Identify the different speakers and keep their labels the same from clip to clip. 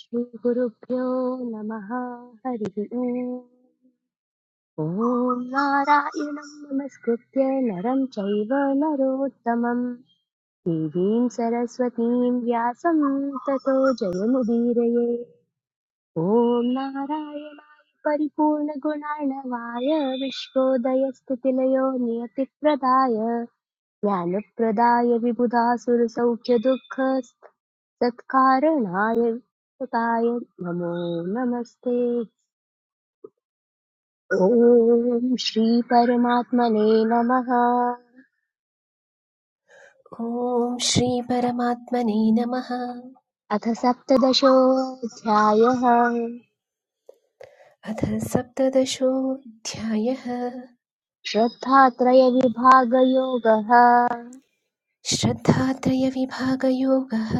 Speaker 1: श्रीगुरुभ्यो नमः हरिः ओम् ॐ नारायणं नमस्कृत्य नरं चैव नरोत्तमं देवीं सरस्वतीं व्यासं ततो जयमुदीरये ॐ नारायणाय परिपूर्णगुणार्णवाय विश्वोदयस्थितिलयो नियतिप्रदाय ज्ञानप्रदाय विबुधासुरसौख्यदुःखसत्कारणाय कृताय नमो नमस्ते ॐ श्रीपरमात्मने नमः
Speaker 2: ॐ श्रीपरमात्मने नमः
Speaker 1: अथ सप्तदशोऽध्यायः
Speaker 2: अथ सप्तदशोऽध्यायः
Speaker 1: श्रद्धात्रयविभागयोगः
Speaker 2: श्रद्धात्रयविभागयोगः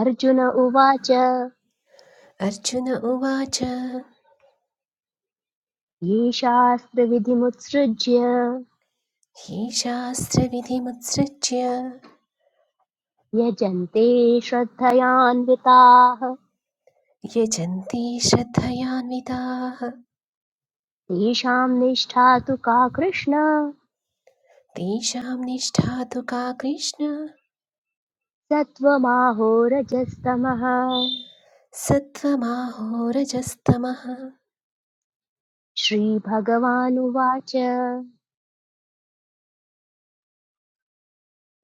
Speaker 1: अर्जुन उवाच
Speaker 2: अर्जुन उवाच ये
Speaker 1: ये शास्त्रविधिमुत्सृज्य
Speaker 2: शास्त्रविधिमुत्सृज्य
Speaker 1: यजन्ते श्रद्धयान्विताः
Speaker 2: यजन्ति श्रद्धयान्विताः
Speaker 1: तेषां निष्ठा तु का कृष्ण
Speaker 2: तेषां निष्ठा तु का कृष्ण
Speaker 1: सत्त्वमाहोरजस्तमः
Speaker 2: सत्त्वमाहोरजस्तमः
Speaker 1: श्रीभगवानुवाच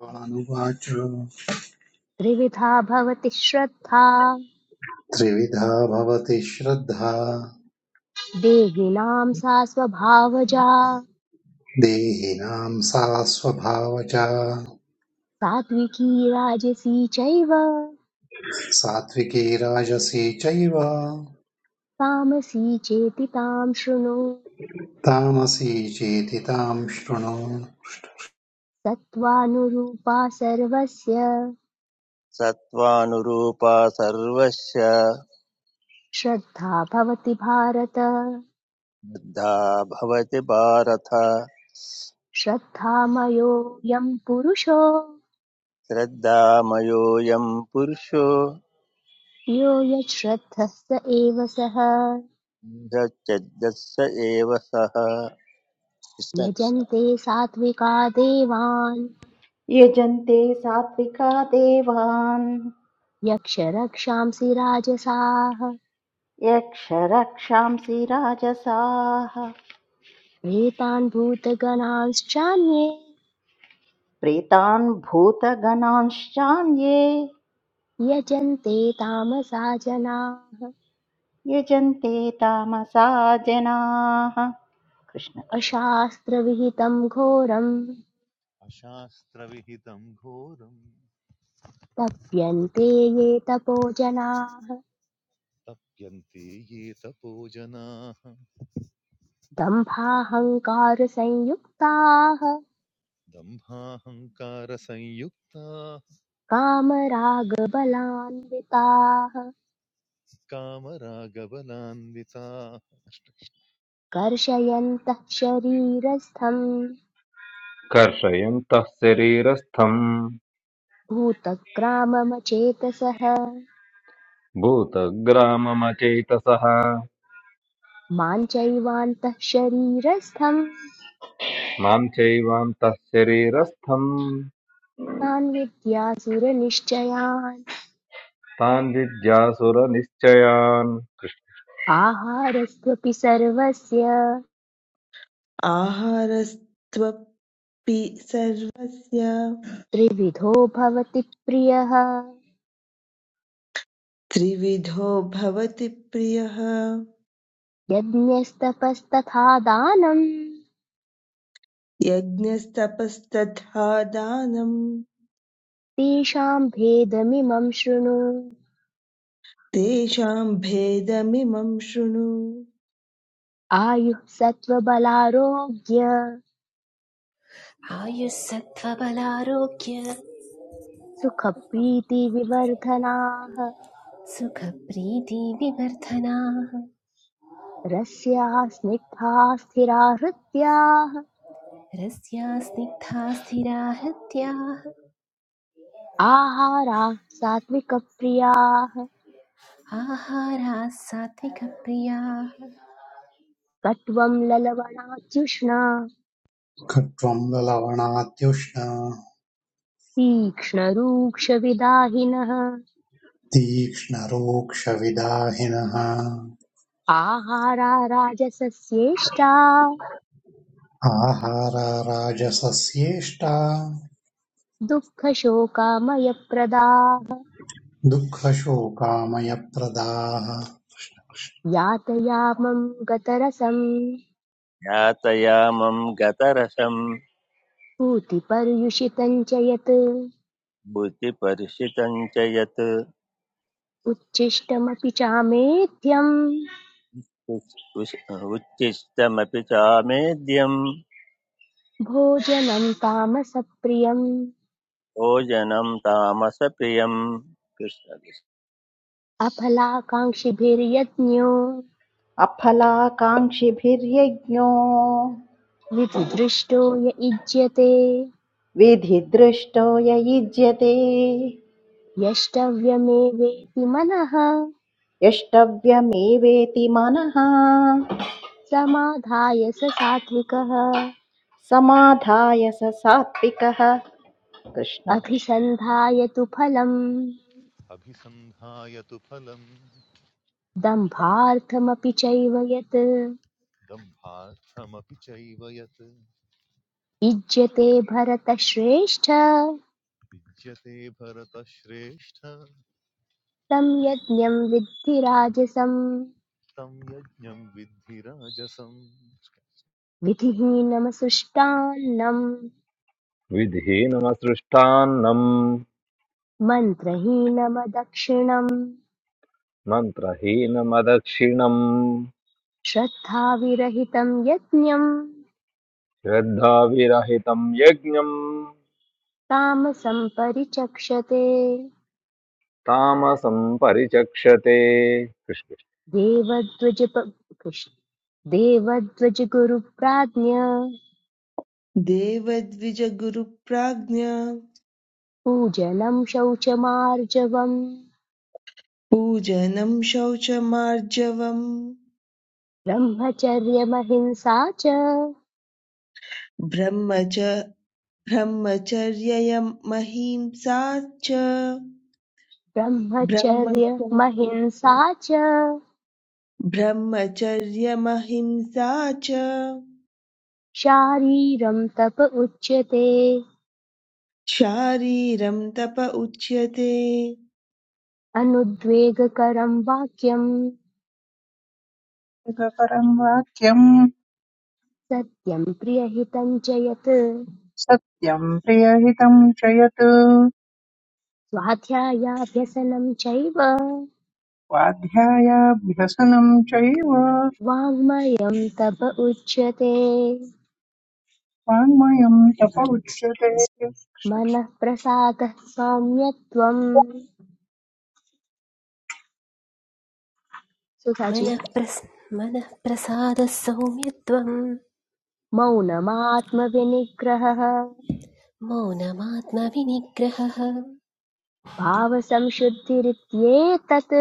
Speaker 3: भगवानुवाच
Speaker 1: त्रिविधा भवति श्रद्धा
Speaker 3: त्रिविधा भवति श्रद्धा
Speaker 1: देहिनां सा स्वभावजा
Speaker 3: देहिनां सा स्वभावजा
Speaker 1: सात्विकी राजसी चैव
Speaker 3: सात्विकी राजसी चैव
Speaker 1: तामसी चेति तां शृणु
Speaker 3: तामसी चेति तां शृणु
Speaker 1: सत्त्वानुरूपा सर्वस्य
Speaker 4: सत्त्वानुरूपा सर्वस्य
Speaker 1: श्रद्धा भवति भारत
Speaker 4: श्रद्धा भवति भारत
Speaker 1: श्रद्धामयोऽयं पुरुषो
Speaker 4: श्रद्धामयोऽयं पुरुषो
Speaker 1: यो यच्छ्रद्धः स एव सः
Speaker 4: बुद्धश्चेदस्य एव सः कृष्ण कृष्ण।
Speaker 1: यजन्ते सात्विका देवान्
Speaker 5: यजन्ते सात्विका देवान्
Speaker 1: यक्षरक्षांसि राजसाः
Speaker 5: यक्षरक्षांसि राजसाः
Speaker 1: प्रेतान् भूतगणांश्चान्ये
Speaker 5: प्रेतान् भूतगणांश्चान्ये
Speaker 1: यजन्ते तामसा जनाः
Speaker 5: यजन्ते तामसा जनाः कृष्ण कृष्ण
Speaker 1: अशास्त्रविहितं घोरं
Speaker 6: अशास्त्रविहितं घोरं
Speaker 1: तप्यन्ते ये तपो जनाः
Speaker 6: तप्यन्ते ये तपो जनाः
Speaker 1: दम्भाहङ्कारसंयुक्ताः
Speaker 6: दम्भाहङ्कारसंयुक्ताः
Speaker 1: कामरागबलान्विताः
Speaker 6: कामरागबलान्विताः
Speaker 1: कर्षयन्तः शरीरस्थं
Speaker 7: कर्षयन्तः शरीरस्थम्
Speaker 1: भूतग्राममचेतसः
Speaker 7: भूतग्राममचेतसः
Speaker 1: मां चैवान्तः शरीरस्थं
Speaker 7: मां चैवान्तः शरीरस्थम्
Speaker 1: तान् विद्यासुरनिश्चयान्
Speaker 7: तान् विद्यासुरनिश्चयान्
Speaker 1: आहारस्त्वपि सर्वस्य
Speaker 8: आहारस्त्वपि सर्वस्य
Speaker 1: त्रिविधो भवति प्रियः
Speaker 8: त्रिविधो भवति प्रियः
Speaker 1: यज्ञस्तपस्तथा दानं
Speaker 8: यज्ञस्तपस्तथा दानम्
Speaker 1: तेषां भेदमिमं शृणु
Speaker 8: तेषां भेदमिमं शृणु
Speaker 1: आयुः सत्त्वबलारोग्य
Speaker 2: आयुः सत्त्वबलारोग्य
Speaker 1: सुखप्रीतिविवर्धनाः
Speaker 2: सुखप्रीतिविवर्धनाः
Speaker 1: रस्याः स्निग्धाः स्थिरा हृद्याः
Speaker 2: रस्या स्निग्धा स्थिरा हत्याः
Speaker 1: आहाराः सात्विकप्रियाः
Speaker 2: आहाराः सात्विकप्रियाः
Speaker 1: कट्वं ललवणात्युष्णा
Speaker 3: खट्वं ललवणात्युष्ण
Speaker 1: तीक्ष्णरूक्षविदाहिनः
Speaker 3: तीक्ष्णरोक्षविदाहिनः
Speaker 1: आहारा राजसस्येष्टा
Speaker 3: आहारा राजसस्येष्टा
Speaker 1: दुःखशोकामयप्रदाः
Speaker 3: दुःखशोकामयप्रदाः
Speaker 1: यातयामं गतरसं
Speaker 4: ज्ञातयामं गतरसं
Speaker 1: पूतिपर्युषितं च यत्
Speaker 4: बुद्धिपरिषितं च यत्
Speaker 1: उच्छिष्टमपि चामेध्यं
Speaker 4: उच्- उच्छिष्टमपि चामेद्यं
Speaker 1: भोजनं तामसप्रियम्
Speaker 4: भोजनं तामसप्रियं
Speaker 1: अफलाकाङ्क्षिभिर्यज्ञो
Speaker 5: अफलाकाङ्क्षिभिर्यज्ञो
Speaker 1: विधिदृष्टो य इज्यते
Speaker 5: विधिदृष्टो य युज्यते
Speaker 1: यष्टव्यमेवेति मनः
Speaker 5: यष्टव्यमेवेति मनः
Speaker 1: समाधाय स सात्विकः
Speaker 5: समाधाय स सात्विकः कृष्ण कृष्ण
Speaker 1: अभिसन्धाय तु फलम्
Speaker 6: अभिसन्धाय तु फलं
Speaker 1: दम्भार्थमपि चैव यत्
Speaker 6: दम्भार्थमपि चैव यत्
Speaker 1: इज्यते भरतश्रेष्ठ
Speaker 6: विद्यते भरतश्रेष्ठ
Speaker 1: तं यज्ञं विद्धि राजसम्
Speaker 6: तं यज्ञं विद्धि राजसम्
Speaker 1: विधिहीनमसृष्टान्नं
Speaker 7: विधिहीनमसृष्टान्नम्
Speaker 1: मन्त्रहीनमदक्षिणम्
Speaker 7: मन्त्रहीनमदक्षिणम्
Speaker 1: श्रद्धाविरहितं यज्ञं
Speaker 7: श्रद्धाविरहितम् यज्ञम्
Speaker 1: तामसं परिचक्षते
Speaker 7: तामसम् परिचक्षते कृष्ण
Speaker 1: देवद्वज कृष्ण देवद्वजगुरुप्राज्ञ
Speaker 8: देवद्विजगुरुप्राज्ञ
Speaker 1: पूजनं शौचमार्जवम्
Speaker 8: पूजनं शौचमार्जवम्
Speaker 1: ब्रह्मचर्यमहिंसा च
Speaker 8: ब्रह्मच ब्रह्मचर्ययं महिंसा च ब्रह्मच
Speaker 1: ब्रह्मचर्यमहिंसा च
Speaker 8: ब्रह्मचर्यमहिंसा च
Speaker 1: शारीरं तप उच्यते
Speaker 8: शारीरं तप उच्यते
Speaker 1: अनुद्वेगकरं वाक्यं
Speaker 9: परं वाक्यम्
Speaker 1: सत्यं प्रियहितं च यत्
Speaker 9: सत्यम् प्रियहितम् च यत्
Speaker 1: स्वाध्यायाभ्यसनं चैव
Speaker 9: स्वाध्यायाभ्यसनम् चैव
Speaker 1: वाङ्मयं तप उच्यते
Speaker 9: वाङ्मयम् तप उच्यते
Speaker 1: मनः प्रसादः सौम्यत्वम् सुधाजी
Speaker 2: मनः प्रस् मनः प्रसादः सौम्यत्वं
Speaker 1: मौनमात्मविनिग्रहः
Speaker 2: मौनमात्मविनिग्रहः
Speaker 1: भावसंशुद्धिरित्येतत्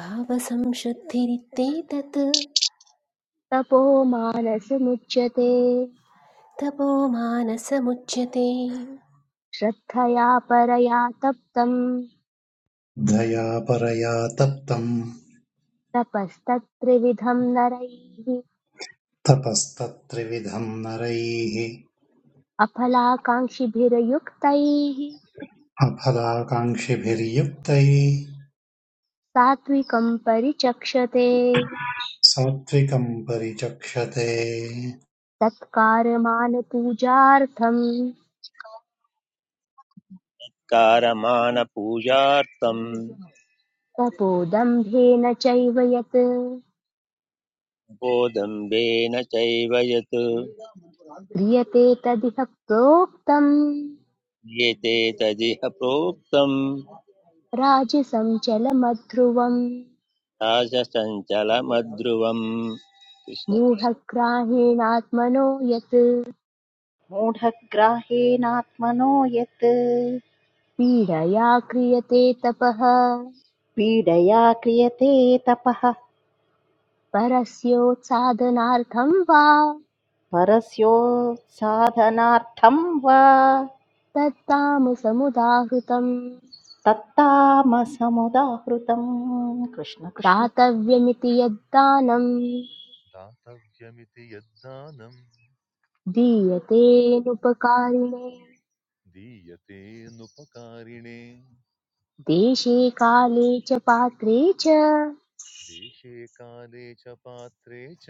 Speaker 2: भावसंशुद्धिरित्येतत्
Speaker 1: तपो मानसमुच्यते
Speaker 2: तपो मानसमुच्यते
Speaker 1: श्रद्धया परया तप्तं
Speaker 3: दया परया तप्तम्
Speaker 1: तपस्तत्त्रिविधं नरैः
Speaker 3: तपस्तत्त्रिविधं नरैः
Speaker 1: अफलाकाङ्क्षिभिर्युक्तैः
Speaker 3: अफलाकाङ्क्षिभिर्युक्तैः
Speaker 1: सात्विकं परिचक्षते
Speaker 3: सात्त्विकं परिचक्षते
Speaker 1: सत्कारमानपूजार्थं
Speaker 4: कृष्णकारमाणपूजार्थं
Speaker 1: तपोदम्भेन चैव यत्
Speaker 4: बोदम्बेन चैव यत्
Speaker 1: क्रियते तदिह प्रोक्तम्
Speaker 4: गीते तदिह प्रोक्तम्
Speaker 1: राजसं चलमध्रुवम्
Speaker 4: राजसञ्चलमध्रुवम् कृष्ण कृष्ण।
Speaker 1: मूढग्राहेणात्मनो यत्
Speaker 5: मूढग्राह्येनात्मनो यत्
Speaker 1: पीडया क्रियते तपः
Speaker 5: पीडया क्रियते तपः
Speaker 1: परस्योत्सादनार्थं वा
Speaker 5: परस्योत्साधनार्थं वा
Speaker 1: तत्तामसमुदाहृतं।
Speaker 5: तत्तामसमुदाहृतम् कृष्ण कृष्ण
Speaker 1: दातव्यमिति यद्दानम्
Speaker 6: दातव्यमिति यद्दानं
Speaker 1: दीयतेनुपकारिणे
Speaker 6: दीयतेऽनुपकारिणे
Speaker 1: देशे काले च पात्रे च
Speaker 6: देशे काले च पात्रे च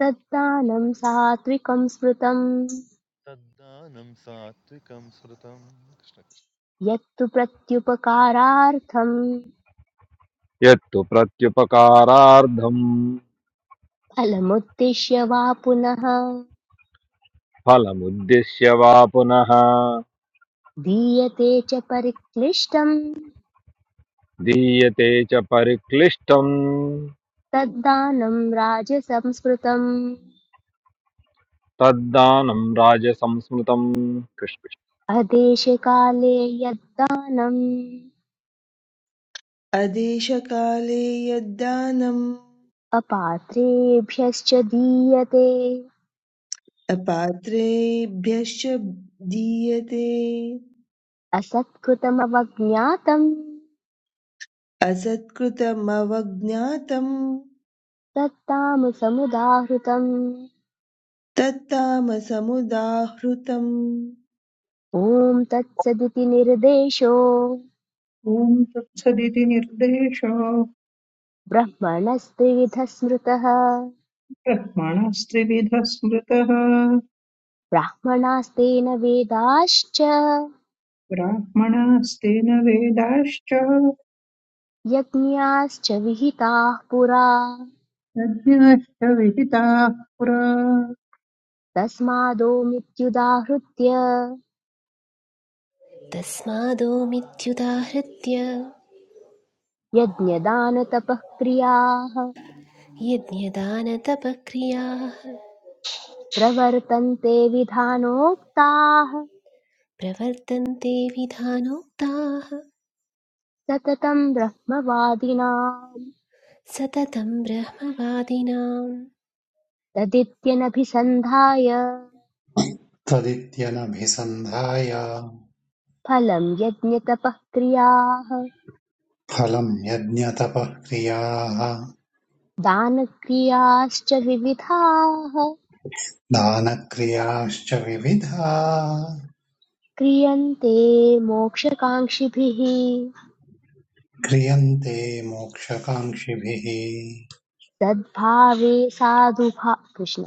Speaker 1: तद्दानं सात्विकं स्मृतं
Speaker 6: तद्दानं सात्विकं श्रुतम् श्रद्धया
Speaker 1: यत्तु प्रत्युपकारार्थं
Speaker 7: यत्तु प्रत्युपकारार्थम्
Speaker 1: फलमुद्दिश्य वा पुनः
Speaker 7: फलमुद्दिश्य वा पुनः
Speaker 1: दीयते च परिक्लिष्टं
Speaker 7: दीयते च परिक्लिष्टम्
Speaker 1: तद्दानं राजसंस्मृतम्
Speaker 7: तद्दानं राजसंस्मृतम् कृष्ण
Speaker 1: अदेशकाले यद्दानम्
Speaker 8: अदेशकाले यद्दानम्
Speaker 1: अपात्रेभ्यश्च दीयते
Speaker 8: अपात्रेभ्यश्च दीयते
Speaker 1: असत्कृतमवज्ञातं
Speaker 8: असत्कृतमवज्ञातम्
Speaker 1: तत्तामसमुदाहृतम्
Speaker 8: तत्तामसमुदाहृतम्
Speaker 1: ॐ तत्सदिति निर्देशो
Speaker 9: ॐ तत्सदिति निर्देशो
Speaker 1: ब्रह्मणस्त्रिविधः स्मृतः
Speaker 9: ब्रह्मणस्त्रिविधः स्मृतः
Speaker 1: ब्राह्मणास्तेन वेदाश्च
Speaker 9: ब्राह्मणास्तेन वेदाश्च
Speaker 1: यज्ञाश्च विहिताः पुरा
Speaker 9: यज्ञश्च विहिताः पुरा
Speaker 1: तस्मादोमित्युदाहृत्य
Speaker 2: तस्मादो
Speaker 1: यज्ञदानतपः क्रियाः
Speaker 2: यज्ञदानतपक्रियाः
Speaker 1: प्रवर्तन्ते विधानोक्ताः
Speaker 2: प्रवर्तन्ते विधानोक्ताः
Speaker 1: सततं ब्रह्मवादिनां
Speaker 2: सततं ब्रह्मवादिनाम्
Speaker 1: तदित्यनभिसन्धाय
Speaker 3: तदित्यनभिसन्धाय
Speaker 1: फलं यज्ञतपः
Speaker 3: फलं यज्ञतपः क्रियाः
Speaker 1: दानक्रियाश्च विविधाः
Speaker 3: दानक्रियाश्च विविधा
Speaker 1: क्रियन्ते मोक्षकाङ्क्षिभिः
Speaker 3: क्रियन्ते मोक्षकाङ्क्षिभिः
Speaker 1: सद्भावे साधुभा कृष्ण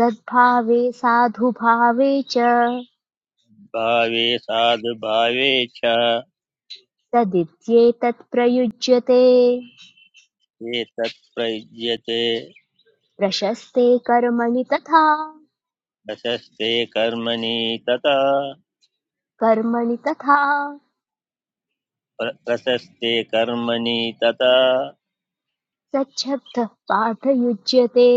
Speaker 1: सद्भावे साधुभावे च
Speaker 4: भावे साधुभावे च
Speaker 1: तदित्येतत् प्रयुज्यते
Speaker 4: ये तत्प्रयुज्यते
Speaker 1: प्रशस्ते कर्मणि तथा
Speaker 4: प्रशस्ते कर्मणि तथा
Speaker 1: कर्मणि तथा
Speaker 4: प्रशस्ते कर्मणि तथा
Speaker 1: सच्छब्दः पाठयुज्यते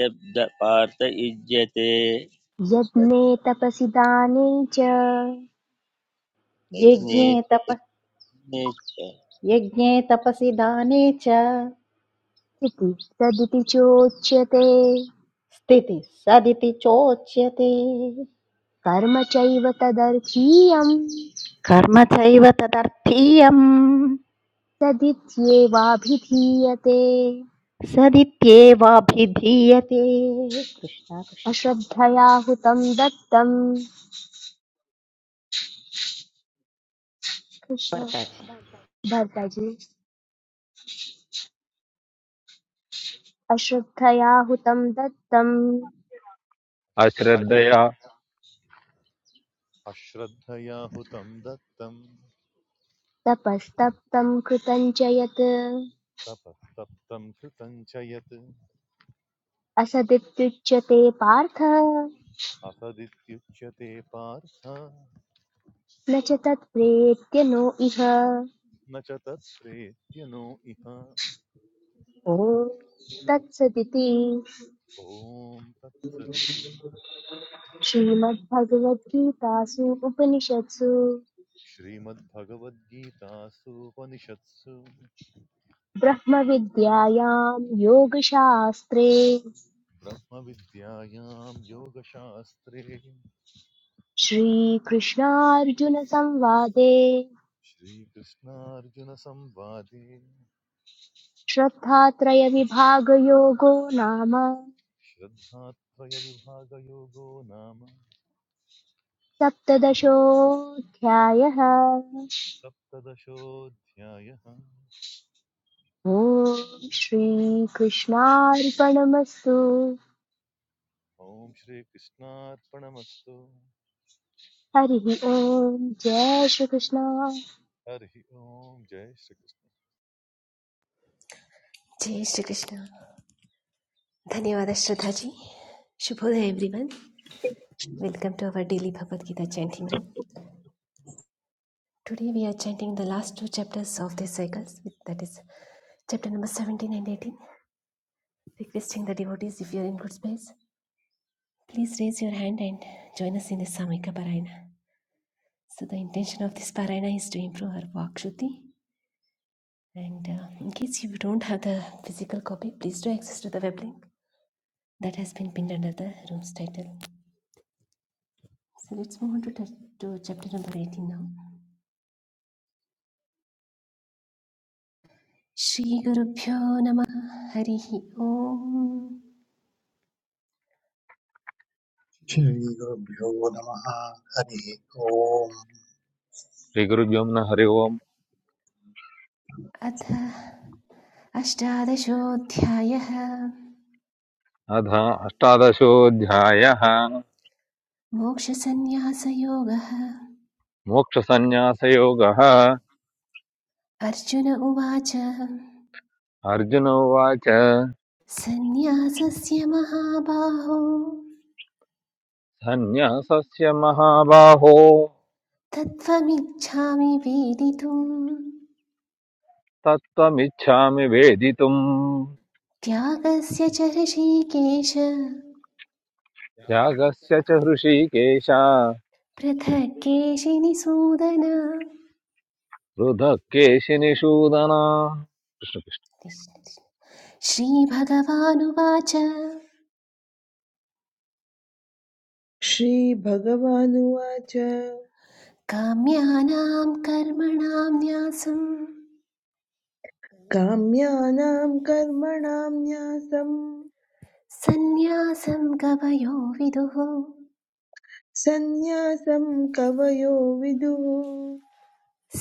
Speaker 4: शब्दपार्थ युज्यते कृष्ण कृष्ण।
Speaker 1: यज्ञे तपसि दाने च
Speaker 5: यज्ञे तप यज्ञे तपसि दाने च
Speaker 1: इति तदिति चोच्यते
Speaker 5: स्थितिः सदिति चोच्यते
Speaker 1: कर्म चैव तदर्थीयं
Speaker 5: कर्म चैव तदर्थीयम्
Speaker 1: तदित्येवाभिधीयते
Speaker 5: सदित्येवाभिधीयते कृष्ण कृष्ण
Speaker 1: अश्रद्धया हुतं दत्तं कृष्ण
Speaker 5: भरताजी
Speaker 1: भर्ताजी अश्रद्धया हुतं दत्तं
Speaker 7: कृष्ण। अश्रद्धया
Speaker 6: अश्रद्ध अश्रद्धया हुतं दत्तं
Speaker 1: तपस्तप्तं कृतं च यत्
Speaker 6: तपस्तप्तं कृतं च यत्
Speaker 1: असदित्युच्यते पार्थ
Speaker 6: असदित्युच्यते पार्थ
Speaker 1: न च तत्प्रेत्य नो इह
Speaker 6: न च तत्प्रेत्यनो इह
Speaker 1: ॐ तत्सदिति
Speaker 6: ॐ तत्सदिति
Speaker 1: श्रीमद्भगवद्गीतासु उपनिषत्सु
Speaker 6: श्रीमद्भगवद्गीतासूपनिषत्सु
Speaker 1: ब्रह्मविद्यायां योगशास्त्रे
Speaker 6: ब्रह्मविद्यायां योगशास्त्रे
Speaker 1: श्रीकृष्णार्जुनसंवादे
Speaker 6: श्रीकृष्णार्जुनसंवादे
Speaker 1: श्रद्धात्रयविभागयोगो नाम
Speaker 6: श्रद्धात्रयविभागयोगो नाम
Speaker 1: सप्तदशोऽध्यायः
Speaker 6: सप्तदशोऽध्यायः
Speaker 1: ॐ श्रीकृष्णार्पणमस्तु
Speaker 6: ॐ श्रीकृष्णार्पणमस्तु
Speaker 1: हरिः ॐ जय श्रीकृष्ण
Speaker 6: हरिः ॐ जय Shri Krishna
Speaker 2: Jai Shri Krishna. Dhanyawad Shraddhaji. Shubhodaya everyone. Welcome to our daily Bhagavad Gita chanting room. Today we are chanting the last two chapters of these cycles, that is chapter number 17 and 18. Requesting the devotees, if you are in good space, please raise your hand and join us in the Samhika Parayana. So the intention of this Parayana is to improve our Vak Shuddhi. And uh, in case you don't have the physical copy, please do access to the web link that has been pinned under the room's title. So let's move on to, to chapter number 18 now. Shri Guru Pyo Nama Harihi Om
Speaker 3: श्रीगुरुभ्यो नमः हरिः ओम्
Speaker 7: श्रीगुरुभ्यो न हरि ओम्
Speaker 2: अथ अष्टादशोऽध्यायः
Speaker 7: अथ अष्टादशोऽध्यायः
Speaker 2: मोक्षसन्न्यासयोगः
Speaker 7: मोक्षसन्न्यासयोगः
Speaker 2: अर्जुन उवाच
Speaker 7: अर्जुन उवाच
Speaker 2: सन्न्यासस्य महाबाहो
Speaker 7: सन्न्यासस्य महाबाहो
Speaker 2: तत्त्वमिच्छामि वेदितुम्
Speaker 7: तत्त्वमिच्छामि वेदितुम्
Speaker 2: त्यागस्य च ऋषिकेश
Speaker 7: त्यागस्य च हृषीकेश
Speaker 2: पृथक् केशिनिसूदन
Speaker 7: पृथक् केशिनिषूदना कृष्ण कृष्ण।
Speaker 2: श्रीभगवानुवाच
Speaker 8: श्रीभगवानुवाच
Speaker 2: काम्यानां कर्मणां न्यासं
Speaker 8: काम्यानां कर्मणां न्यासम्
Speaker 2: सन्न्यासं कवयो विदुः
Speaker 8: सन्न्यासं कवयो विदुः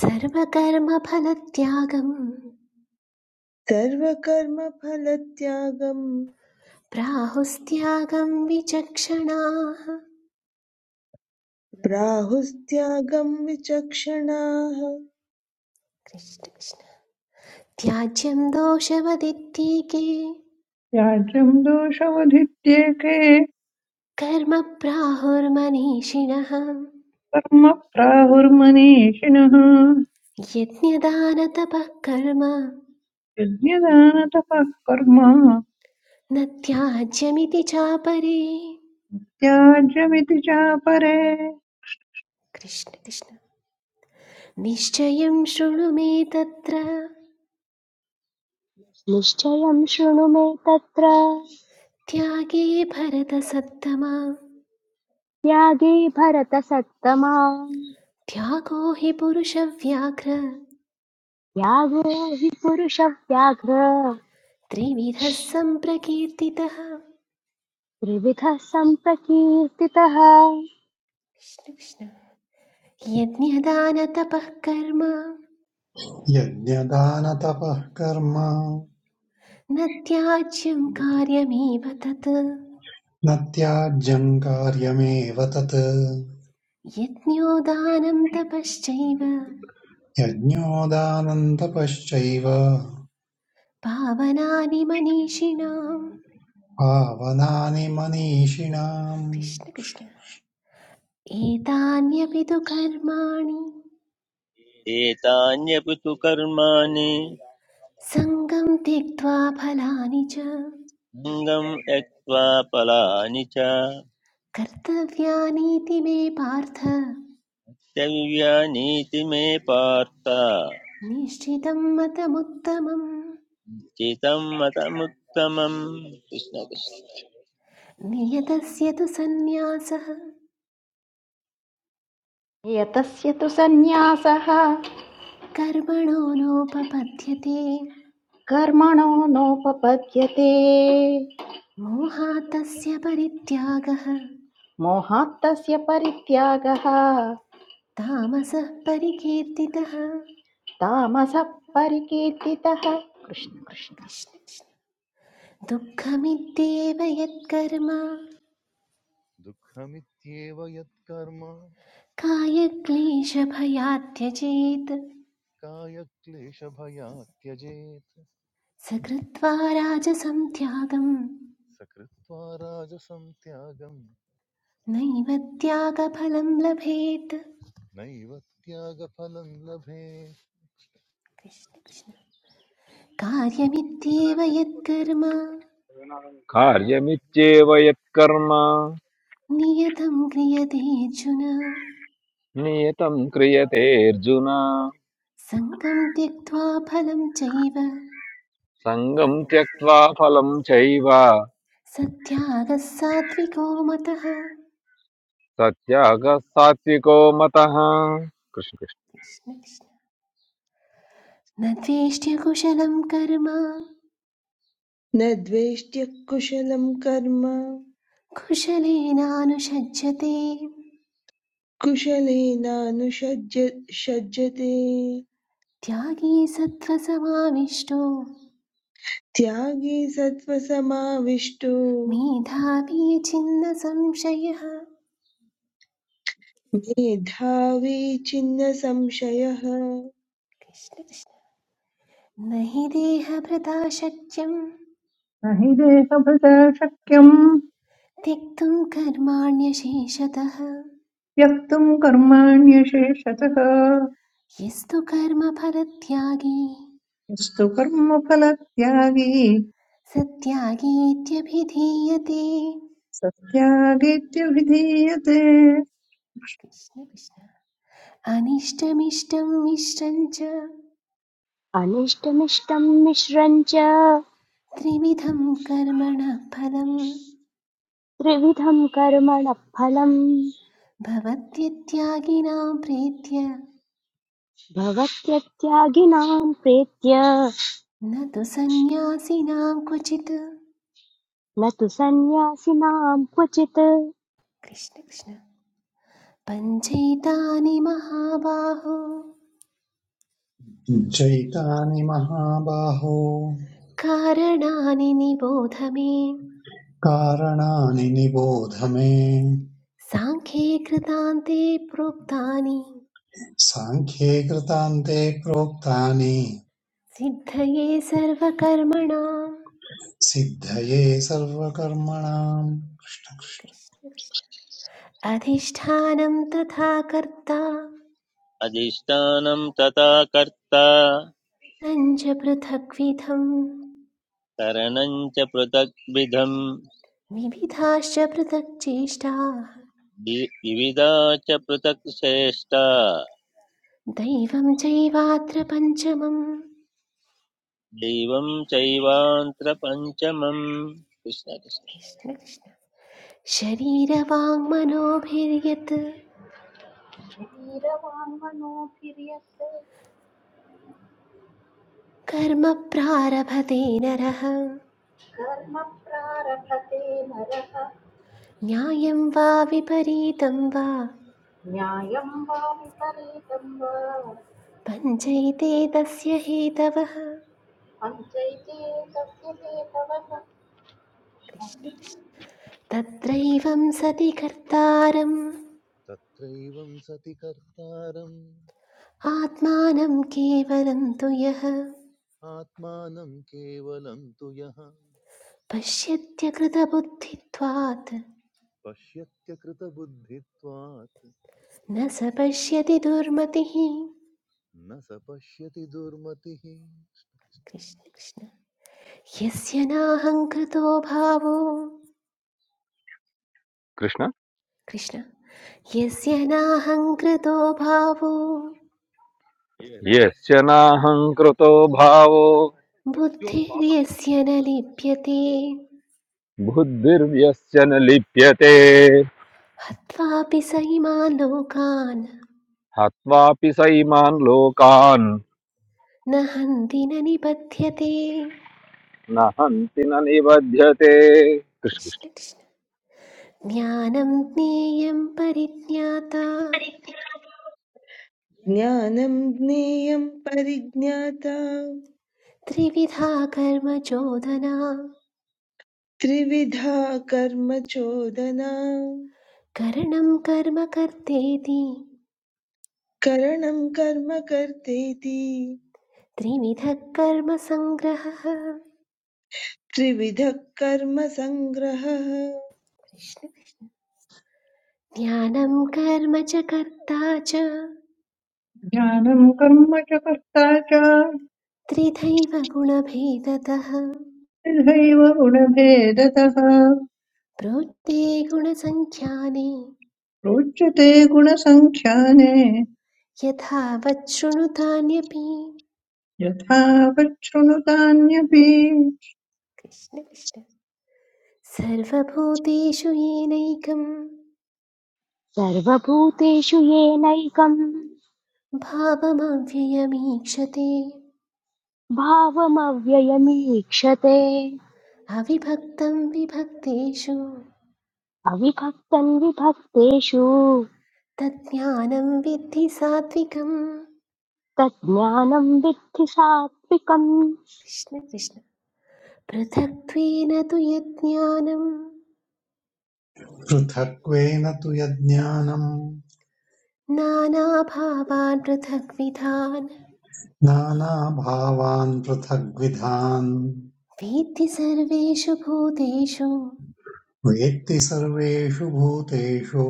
Speaker 2: सर्वकर्मफलत्यागं
Speaker 8: सर्वकर्मफलत्यागम्
Speaker 2: प्राहुस्त्यागं विचक्षणाः
Speaker 8: प्राहुस्त्यागं विचक्षणाः
Speaker 2: कृष्ण कृष्ण त्याज्यं दोषवदित्तीके
Speaker 9: त्याज्यम् दोषमधित्येके
Speaker 2: कर्म प्राहुर्मनीषिणः
Speaker 9: कर्म प्राहुर्मनीषिणः
Speaker 2: यज्ञदानतपः कर्म
Speaker 9: यज्ञदानतपः कर्म
Speaker 2: न त्याज्यमिति चापरे
Speaker 9: त्याज्यमिति चापरे न
Speaker 2: कृष्ण कृष्ण निश्चयं शृणु मे तत्र
Speaker 1: निश्चयं शृणु मे तत्र
Speaker 2: त्यागे भरतसत्तमा
Speaker 1: त्यागे भरतसत्तमा
Speaker 2: त्यागो हि पुरुषव्याघ्र
Speaker 1: त्यागो हि पुरुषव्याघ्र
Speaker 2: त्रिविधः सम्प्रकीर्तितः
Speaker 1: त्रिविधः सम्प्रकीर्तितः
Speaker 2: कृष्ण, कृष्ण। यज्ञदानतपः कर्म
Speaker 3: यज्ञदानतपः कर्म
Speaker 2: न त्याज्यं कार्यमेव तत्
Speaker 3: न त्याज्यं कार्यमेव तत्
Speaker 2: यज्ञो दानं तपश्चैव
Speaker 3: यज्ञोदानन्तपश्चैव
Speaker 2: पावनानि मनीषिणाम्
Speaker 3: पावनानि मनीषिणाम्
Speaker 2: कृष्ण कृष्ण एतान्यपि तु कर्माणि
Speaker 4: एतान्यपि तु कर्माणि
Speaker 2: सङ्गं त्यक्त्वा फलानि च
Speaker 4: गम एक्वा पलानिचा
Speaker 2: कर्तव्यानीति मे पार्थ
Speaker 4: चैव्यानिति में पार्ता
Speaker 2: निश्चितं मतमुत्तमम्
Speaker 4: चित्तमतमुत्तमम्
Speaker 2: नियतस्य तु सन्न्यासः
Speaker 5: यतस्य तु सन्न्यासः
Speaker 2: कर्मणो नोपपद्यते
Speaker 5: कर्मणो नोपपद्यते
Speaker 2: मोहात् तस्य परित्यागः
Speaker 5: मोहात् तस्य परित्यागः
Speaker 2: तामसः परिकीर्तितः
Speaker 5: तामसः परिकीर्तितः कृष्ण कृष्ण
Speaker 2: कृष्ण दुःखमित्येव यत्कर्म
Speaker 6: दुःखमित्येव यत्कर्म
Speaker 2: कायक्लेशभयात् त्यजेत्
Speaker 6: कायक्लेशभयात् त्यजेत्
Speaker 2: स कृत्वा राजसं त्यागं
Speaker 6: सकृत्वा राजसं त्यागं
Speaker 2: नैव त्यागफलं लभेत्
Speaker 6: नैव त्यागफलं लभेत्
Speaker 2: कृष्ण कृष्ण कार्यमित्येव यत्कर्म
Speaker 7: कार्यमित्येव यत्कर्म
Speaker 2: नियतं क्रियतेऽर्जुन
Speaker 7: नियतं क्रियते अर्जुन
Speaker 2: सङ्गं त्यक्त्वा फलं चैव
Speaker 7: सङ्गं त्यक्त्वा फलं चैव
Speaker 2: सत्यागः सात्विको मतः कृष्ण
Speaker 7: सत्यागः सात्विको मतः कृष्ण कृष्ण
Speaker 2: कृष्ण न द्वेष्ट्य कुशलं कर्म
Speaker 8: न द्वेष्ट्यः कुशलं कर्म
Speaker 2: कुशलेनानुषज्यते
Speaker 8: कुशलेनानुषज्य सज्जते
Speaker 2: त्यागी सत्त्वसमाविष्टो
Speaker 8: त्यागी सत्त्वसमाविष्टो
Speaker 2: मेधावी छिन्न संशयः
Speaker 8: मेधावी छिन्न संशयः
Speaker 2: कृष्ण कृष्ण न हि देहभृता शक्यं
Speaker 9: हि देहभृता शक्यम्
Speaker 2: त्यक्तुं कर्माण्यशेषतः
Speaker 9: त्यक्तुम् कर्माण्यशेषतः
Speaker 2: यस्तु कर्मफलत्यागी
Speaker 9: यस्तु कर्मफलत्यागी
Speaker 2: सत्यागीत्यभिधीयते
Speaker 9: सत्यागीत्यभिधीयते
Speaker 2: कृष्ण कृष्ण अनिष्टमिष्टं मिश्रं च
Speaker 1: अनिष्टमिष्टं मिश्रम् च
Speaker 2: त्रिविधं कर्मणः फलं
Speaker 1: त्रिविधम् कर्मणः फलम्
Speaker 2: भवत्यत्यागिनां प्रीत्य
Speaker 1: भवत्यत्यागिनाम् प्रेत्य
Speaker 2: न तु सन्न्यासिनां क्वचित्
Speaker 1: न तु सन्न्यासिनाम् क्वचित्
Speaker 2: कृष्ण कृष्ण पञ्चैतानि महाबाहो
Speaker 3: चैतानि महाबाहो
Speaker 2: कारणानि निबोध मे
Speaker 3: कारणानि निबोध मे
Speaker 2: साङ्ख्ये कृतान्ते प्रोक्तानि
Speaker 3: साङ्ख्ये कृतान्ते प्रोक्तानि
Speaker 2: सिद्धये सर्वकर्मणाम्
Speaker 3: सिद्धये सर्वकर्मणाम्
Speaker 2: कृष्ण कृष्ण। अधिष्ठानं तथा कर्ता
Speaker 4: अधिष्ठानम् तता कर्ता
Speaker 2: न च पृथग्विधम्
Speaker 4: करनंच प्रत्यक्विधम्
Speaker 2: विविधाश्च पृथक् चेष्टाः
Speaker 4: विविधंच प्रत्यक्षेष्टा
Speaker 2: दैवं चैवात्र पञ्चमम्
Speaker 4: देवंच चैवांत्रपञ्चमम्
Speaker 2: कृष्ण कृष्ण
Speaker 5: वीरवान् मनोभिर्यत्
Speaker 2: कर्म प्रारभते नरः
Speaker 5: कर्म प्रारभते नरः
Speaker 2: न्यायं वा विपरीतं वा
Speaker 5: न्यायं वा विपरीतं वा
Speaker 2: पञ्चैते तस्य हेतवः
Speaker 5: पञ्चैते तस्य हेतवः
Speaker 2: कृष्ण कृष्ण। तत्रैवं सति कर्तारम्
Speaker 6: तत्रैवं सति कर्तारम्
Speaker 2: आत्मानं केवलं तु यः
Speaker 6: आत्मानं केवलं तु यः
Speaker 2: पश्यत्यकृतबुद्धित्वात्
Speaker 6: पश्यत्यकृतबुद्धित्वात्
Speaker 2: न स पश्यति दुर्मतिः
Speaker 6: न स पश्यति दुर्मतिः
Speaker 2: कृष्ण कृष्ण यस्य नाहङ्कृतो भावो
Speaker 7: कृष्ण
Speaker 2: कृष्ण यस्य नाहङ्कृतो भावो
Speaker 7: यस्य नाहङ्कृतो भावो
Speaker 2: बुद्धिर्यस्य न लिप्यते
Speaker 7: बुद्धिर्यस्य न लिप्यते
Speaker 2: हत्वापि स इमान् लोकान्
Speaker 7: हत्वापि सैमान् लोकान्
Speaker 2: न हन्ति न निबध्यते
Speaker 7: न हन्ति न निबध्यते कृष्ण कृष्ण
Speaker 2: कृष्ण कृष्ण ज्ञानं ज्ञेयं परिज्ञाता
Speaker 8: ज्ञानं ज्ञेयं परिज्ञाता
Speaker 2: त्रिविधा कर्म चोदना
Speaker 8: त्रिविधा कर्म चोदना
Speaker 2: करणं कर्म कर्तेति
Speaker 8: करणं कर्म कर्तेति
Speaker 2: त्रिविधः कर्म सङ्ग्रहः कृष्ण
Speaker 8: त्रिविधः कर्म सङ्ग्रहः
Speaker 2: कृष्ण ज्ञानं कर्म च कर्ता च
Speaker 9: ज्ञानम् कर्म च कर्ता च
Speaker 2: त्रिधैव गुणभेदतः
Speaker 9: तथैव गुणभेदतः
Speaker 2: प्रोक्ते गुणसङ्ख्यानि
Speaker 9: रोचते गुणसङ्ख्याने
Speaker 2: यथावत् शृणुतान्यपि
Speaker 9: यथा पच्छृणुतान्यपि
Speaker 2: कृष्ण कृष्ण सर्वभूतेषु येनैकं
Speaker 1: सर्वभूतेषु येनैकम्
Speaker 2: भावमव्ययमीक्षते
Speaker 1: भावमव्ययमीक्षते
Speaker 2: अविभक्तं विभक्तेषु
Speaker 1: अविभक्तम् विभक्तेषु
Speaker 2: तज्ज्ञानं विद्धि सात्विकम्
Speaker 1: तज्ज्ञानम् विद्धि सात्विकम्
Speaker 2: कृष्ण कृष्ण पृथक्त्वेन तु यज्ञानं
Speaker 3: पृथक्त्वेन तु यज्ञानम्
Speaker 2: नानाभावान् पृथग्विधान्
Speaker 3: नानाभावान् पृथग्विधान्
Speaker 2: वेत्ति सर्वेषु भूतेषु
Speaker 3: वेत्ति सर्वेषु भूतेषु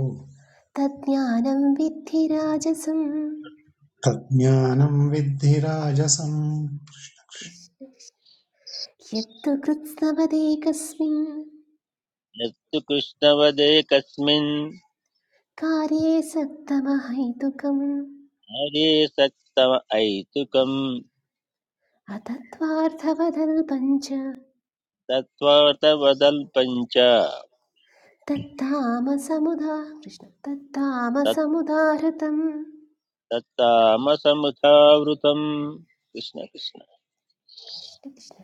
Speaker 2: तज्ज्ञानं विद्धि राजसं
Speaker 3: तज्ज्ञानं विद्धि राजसम्
Speaker 2: यत्तु कृत्स्नवदेकस्मिन्
Speaker 4: नत्तु कृष्णवदेकस्मिन्
Speaker 2: कार्ये सक्तमहैतुकम्
Speaker 4: आर्यसत्तमायितुकम्
Speaker 2: अतत्त्वार्थवदल्पं च
Speaker 4: तत्त्वार्थवदल्पम् च
Speaker 2: तत्तामसमुदा कृष्ण
Speaker 4: तत्
Speaker 2: तत्तामसमुदाहृतम्
Speaker 4: तत्तामसमुखावृतम् कृष्ण कृष्ण
Speaker 2: कृष्ण कृष्ण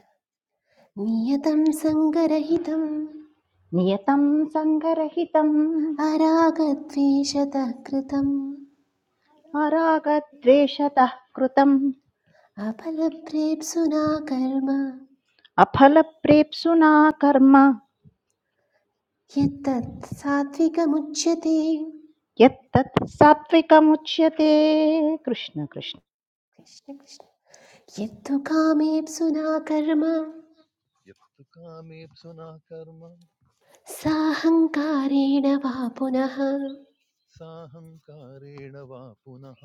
Speaker 2: नियतं सङ्गरहितम्
Speaker 5: नियतं सङ्गरहितम्
Speaker 2: अरागद्वेषतः कृतम्
Speaker 5: अरागद्वेषतः कृतं,
Speaker 2: अपलप्रेप्सुना कर्म
Speaker 5: अफलप्रेप्सुना कर्म
Speaker 2: यत्तत् सात्विकमुच्यते
Speaker 5: यत्तत् सात्विकमुच्यते कृष्ण कृष्ण
Speaker 2: कृष्ण कृष्ण यत्तु कर्म
Speaker 6: यत्तु कामेप्सुना कर्म
Speaker 2: साहङ्कारेण वा पुनः
Speaker 6: साहङ्कारेण वा पुनः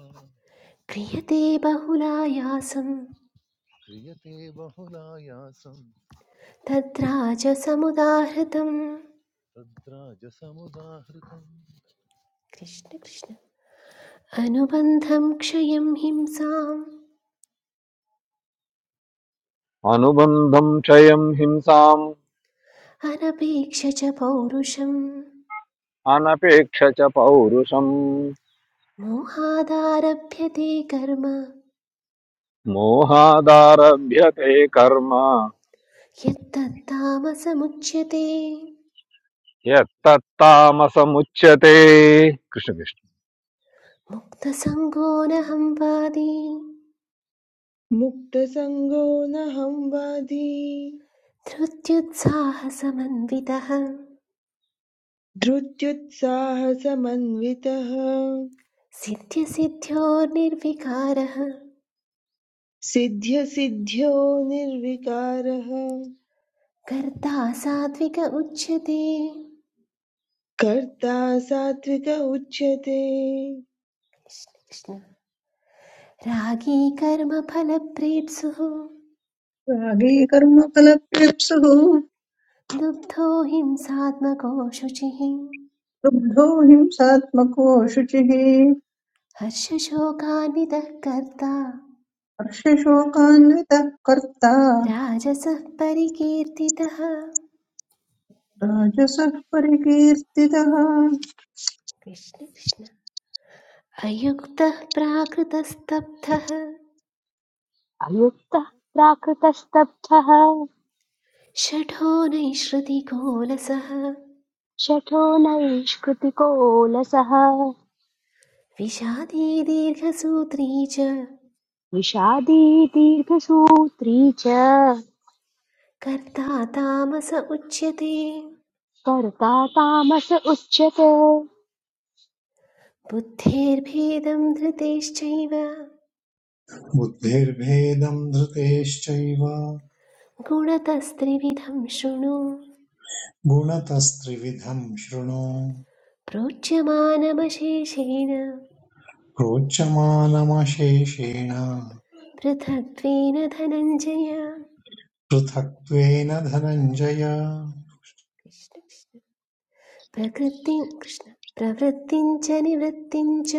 Speaker 2: क्रियते बहुलायासं
Speaker 6: क्रियते बहुलायासं
Speaker 2: तद्राजसमुदाहृतम्
Speaker 6: तद्राजसमुदाहृतम्
Speaker 2: कृष्ण कृष्ण अनुबन्धं क्षयं हिंसाम्
Speaker 7: अनुबन्धं क्षयं हिंसाम्
Speaker 2: अनपेक्ष च पौरुषं
Speaker 7: अनपेक्ष च पौरुषम्
Speaker 2: मोहादारभ्यते कर्म
Speaker 7: मोहादारभ्यते कर्म
Speaker 2: यत्तत्तामसमुच्यते
Speaker 7: यत्तत्तामसमुच्यते कृष्ण कृष्ण
Speaker 2: मुक्तसङ्गो न वादी
Speaker 8: मुक्तसङ्गो न संवादी
Speaker 2: धृत्युत्साहसमन्वितः
Speaker 8: धृत्युत्साहसमन्वितः
Speaker 2: सिद्ध्यसिद्ध्यो निर्विकारः
Speaker 8: सिद्ध्यसिद्ध्यो निर्विकारः
Speaker 2: कर्ता सात्विक उच्यते
Speaker 8: कर्ता सात्विक उच्यते
Speaker 2: कृष्ण, रागी कर्मफलप्रेप्सुः
Speaker 9: रागी कर्मफलप्यप्सुः
Speaker 2: लुब्धो हिंसात्मको शुचिः
Speaker 9: लुब्धो हिंसात्मको शुचिः
Speaker 2: हर्षशोकान्वितः कर्ता
Speaker 9: हर्षशोकान्वितः कर्ता
Speaker 2: राजसः परिकीर्तितः
Speaker 9: राजसः परिकीर्तितः
Speaker 2: कृष्ण कृष्ण अयुक्तः प्राकृतस्तब्धः
Speaker 1: अयुक्तः प्राकृतस्तब्धः
Speaker 2: षठो नैश्रुतिकोलसः
Speaker 1: शठो नैष्कृतिकोऽलसः
Speaker 2: विषादी दीर्घसूत्री च
Speaker 1: विषादी दीर्घसूत्री च
Speaker 2: कर्ता तामस उच्यते
Speaker 1: कर्ता तामस उच्यते
Speaker 2: बुद्धेर्भेदं धृतेश्चैव
Speaker 3: बुद्धिर्भेदं धृतेश्चैव
Speaker 2: गुणतस्त्रिविधं शृणु
Speaker 3: गुणतस्त्रिविधं शृणु
Speaker 2: प्रोच्यमानमशेषेण
Speaker 3: प्रोच्यमानमशेषेण
Speaker 2: पृथक्त्वेन धनञ्जय
Speaker 3: पृथक्त्वेन धनञ्जय
Speaker 2: कृष्ण कृष्ण प्रकृति कृष्ण प्रवृत्तिं च निवृत्तिं च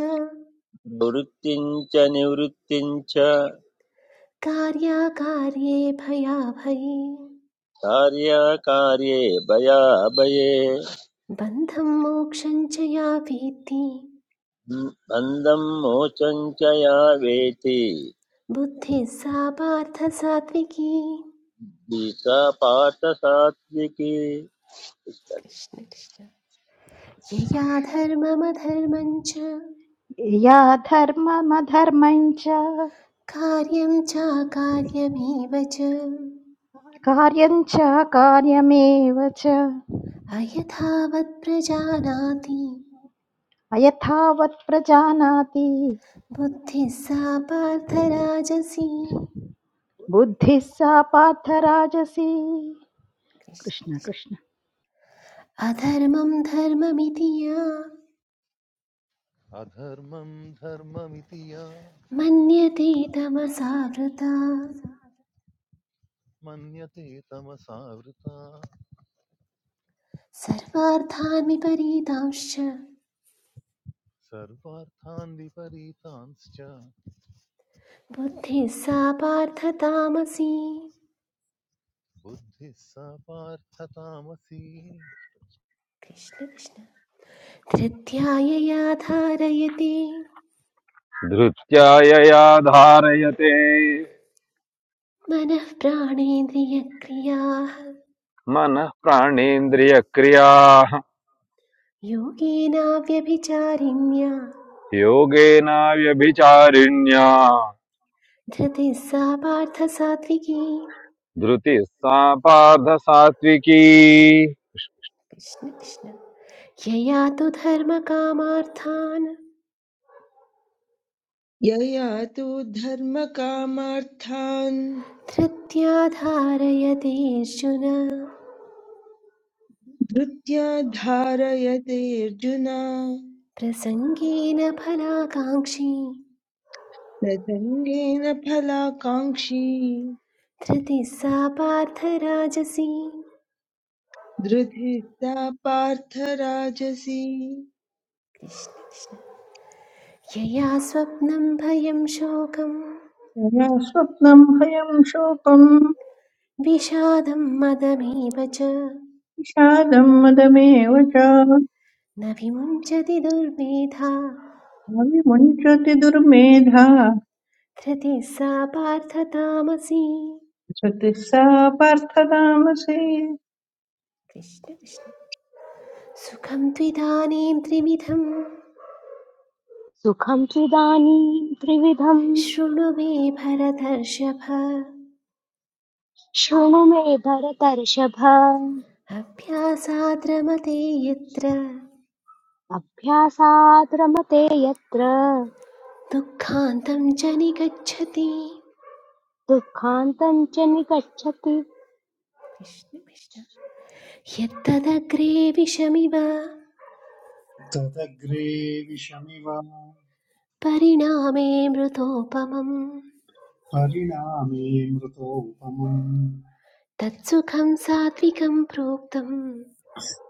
Speaker 4: प्रवृत्तिम् च निवृत्तिम् च
Speaker 2: कार्याकार्ये भयाभये
Speaker 4: कार्याकार्ये भयाभये
Speaker 2: बन्धं मोक्षं च या वेत्ति
Speaker 4: बन्धं मोचं च या वेति
Speaker 2: बुद्धिः सा पार्थ सात्विकी
Speaker 4: गीता पार्थसात्विकी
Speaker 2: कृष्ण कृष्ण यया धर्ममधर्मञ्च
Speaker 5: या धर्ममधर्मं च
Speaker 2: कार्यं चाकार्यमेव च
Speaker 5: कार्यं च कार्यमेव च
Speaker 2: अयथावत् प्रजानाति
Speaker 5: अयथावत् प्रजानाति
Speaker 2: बुद्धिः सा पार्थराजसी
Speaker 5: बुद्धिः सा पार्थराजसी
Speaker 2: कृष्ण
Speaker 5: कृष्ण
Speaker 2: कृष्ण
Speaker 5: कृष्ण
Speaker 2: अधर्मं धर्ममिति या
Speaker 6: अधर्मं धर्ममिति या
Speaker 2: मन्यते तमसावृता
Speaker 6: मन्यते तमसावृता
Speaker 2: सर्वार्थान् विपरीतांश्च
Speaker 6: सर्वार्थान् विपरीतांश्च
Speaker 2: बुद्धिः सा पार्थतामसी
Speaker 6: बुद्धिः सा पार्थतामसी
Speaker 2: कृष्ण कृष्ण धृत्यायया धारयति
Speaker 7: धृत्या यया धारयते
Speaker 2: मनः प्राणेन्द्रियक्रियाः
Speaker 7: मनः प्राणेन्द्रियक्रियाः
Speaker 2: योगेनाव्यभिचारिण्या
Speaker 7: योगेनाव्यभिचारिण्या
Speaker 2: धृतिः सा पार्थसात्विकी
Speaker 7: धृतिः सा पार्थ सात्विकी
Speaker 2: कृष्ण कृष्ण यया तु धर्मकामार्थान्
Speaker 8: यया तु धर्मकामार्थान्
Speaker 2: धृत्या धारयतेऽर्जुन
Speaker 8: धृत्या धारयते अर्जुन न
Speaker 2: प्रसङ्गेन फलाकाङ्क्षी
Speaker 8: सङ्गेन फलाकाङ्क्षी
Speaker 2: धृतिः सा पार्थराजसी
Speaker 8: धृतिस्सा पार्थराजसी
Speaker 2: कृष्ण कृष्ण यया स्वप्नं भयं शोकं
Speaker 9: यया स्वप्नम् भयम् शोकम्
Speaker 2: विषादं मदमेव च
Speaker 9: विषादम् मदमेव च सा
Speaker 2: न विमुञ्चति दुर्मेधा
Speaker 9: विमुञ्चति दुर्मेधा
Speaker 2: धृतिः सा पार्थतामसी
Speaker 9: सतिः सा पार्थतामसि
Speaker 2: कृष्ण कृष्ण सुखं त्विदानीं त्रिविधं
Speaker 1: सुखं त्विदानीं त्रिविधम्
Speaker 2: शृणु मे भरतर्षभ
Speaker 1: शृणु मे भरतर्षभ
Speaker 2: अभ्यासाद्रमते यत्र
Speaker 1: अभ्यासात् रमते यत्र
Speaker 2: दुःखान्तं च निगच्छति
Speaker 1: दुःखान्तम् च निगच्छति
Speaker 2: कृष्ण कृष्ण यत्तदग्रे विषमिव
Speaker 3: तदग्रे विषमिव
Speaker 2: परिणामे मृतोपमं
Speaker 3: परिणामे मृतोपमम्
Speaker 2: तत्सुखं सात्विकं प्रोक्तम्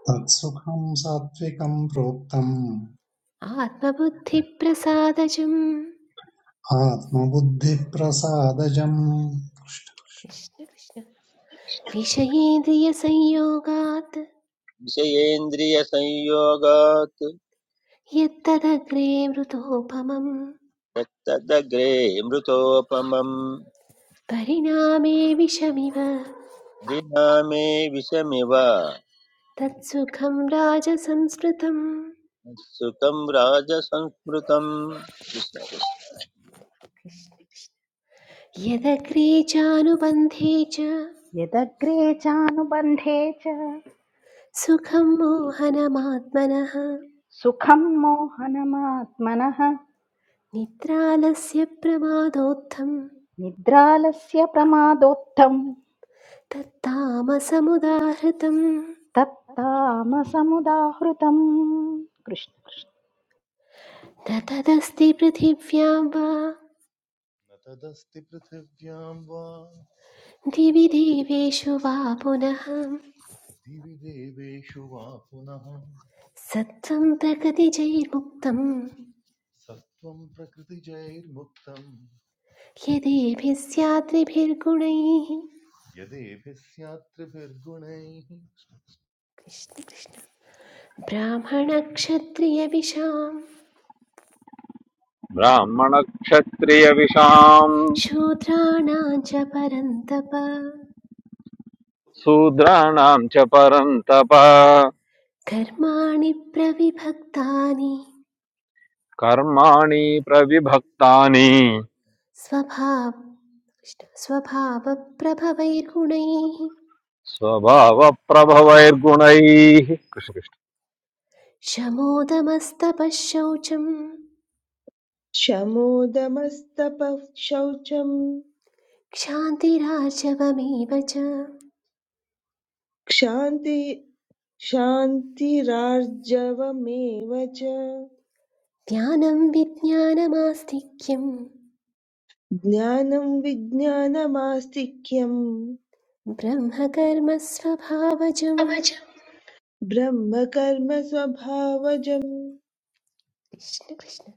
Speaker 3: तत्सुखं सात्विकं प्रोक्तम्
Speaker 2: आत्मबुद्धिप्रसादजम्
Speaker 3: आत्मबुद्धिप्रसादजम्
Speaker 2: कृष्ण कृष्ण विषयेन्द्रियसंयोगात्
Speaker 4: विषयेन्द्रियसंयोगात्
Speaker 2: यत्तदग्रे मृतोपमं
Speaker 4: त्यक्तदग्रे मृतोपमम्
Speaker 2: परिणामे विषमिव
Speaker 4: परिणामे विषमिव
Speaker 2: तत्सुखं राजसंस्कृतम्
Speaker 4: सुखं राजसंस्मृतम्
Speaker 2: कृष्ण कृष्ण। यदग्रे चानुबन्धे च
Speaker 5: यदग्रे चानुबन्धे च
Speaker 2: सुखं मोहनमात्मनः
Speaker 5: सुखं मोहनमात्मनः
Speaker 2: निद्रालस्य प्रमादोत्थं
Speaker 5: निद्रालस्य प्रमादोत्थम्
Speaker 2: तत्तामसमुदाहृतं
Speaker 5: तत्तामसमुदाहृतम् कृष्ण कृष्ण
Speaker 2: न तदस्ति पृथिव्यां वा
Speaker 6: न तदस्ति पृथिव्यां वा
Speaker 2: दिवि देवेषु वा पुनः
Speaker 6: दिवि देवेषु वा पुनः
Speaker 2: सत्त्वं प्रकृतिजैर्मुक्तं
Speaker 6: सत्त्वं प्रकृतिजैर्मुक्तं
Speaker 2: यदेभिः स्याद्रिभिर्गुणैः
Speaker 6: यदेभिः स्यात् त्रिभिर्गुणैः
Speaker 2: कृष्ण कृष्ण। ब्राह्मणक्षत्रियविशां
Speaker 7: ब्राह्मणक्षत्रियविषाम्
Speaker 2: शूद्राणां च परन्तप
Speaker 7: शूद्राणाम् च परन्तप
Speaker 2: कर्माणि प्रविभक्तानि
Speaker 7: कर्माणि प्रविभक्तानि
Speaker 2: स्वभाव कृष्ण- स्वभावप्रभवैर्गुणैः
Speaker 7: स्वभावप्रभवैर्गुणैः कृष्ण कृष्ण
Speaker 2: शमोदमस्तपः शौचम्
Speaker 8: शमोदमस्तपः शौचम्
Speaker 2: क्षान्तिराजवमेव च
Speaker 8: क्षान्ति क्षान्तिरार्जवमेव च
Speaker 2: ज्ञानं विज्ञानमास्तिक्यं
Speaker 8: ज्ञानं विज्ञानमास्तिक्यं
Speaker 2: ब्रह्मकर्मस्वभावजम्
Speaker 8: ब्रह्मकर्म स्वभावजम्
Speaker 2: कृष्ण कृष्ण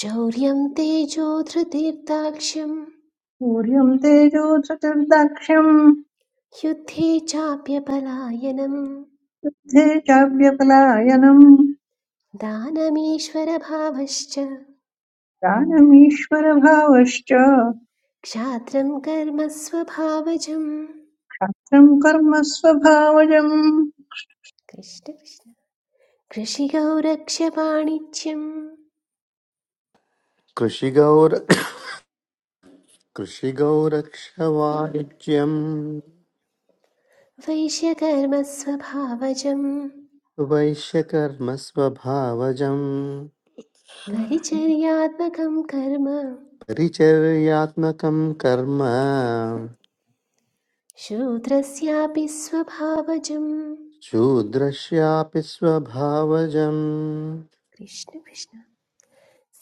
Speaker 2: शौर्यं तेजो धृतिर्दाक्ष्यं
Speaker 9: सूर्यम् तेजोधृतिर्दाक्ष्यम्
Speaker 2: युद्धे चाप्यपलायनम्
Speaker 9: बुद्धे चाव्यपलायनम्
Speaker 2: दानमीश्वरभावश्च
Speaker 9: ज्ञानमीश्वरभावश्च
Speaker 2: क्षात्रं कर्म स्वभावजम्
Speaker 9: तं कर्म स्वभावजम्
Speaker 2: कृष्ण कृष्ण कृषिगौ रक्ष्यवाणिज्यं
Speaker 10: कृषिगौर कृषिगौरक्षवाणिज्यं
Speaker 2: वैश्यकर्मस्वभावजं
Speaker 10: वैश्यकर्मस्वभावजम्
Speaker 2: परिचर्यात्मकं कर्म
Speaker 10: परिचर्यात्मकं कर्म
Speaker 2: शूद्रस्यापि स्वभावजं
Speaker 10: शूद्रस्यापि स्वभावजम्
Speaker 2: कृष्ण कृष्ण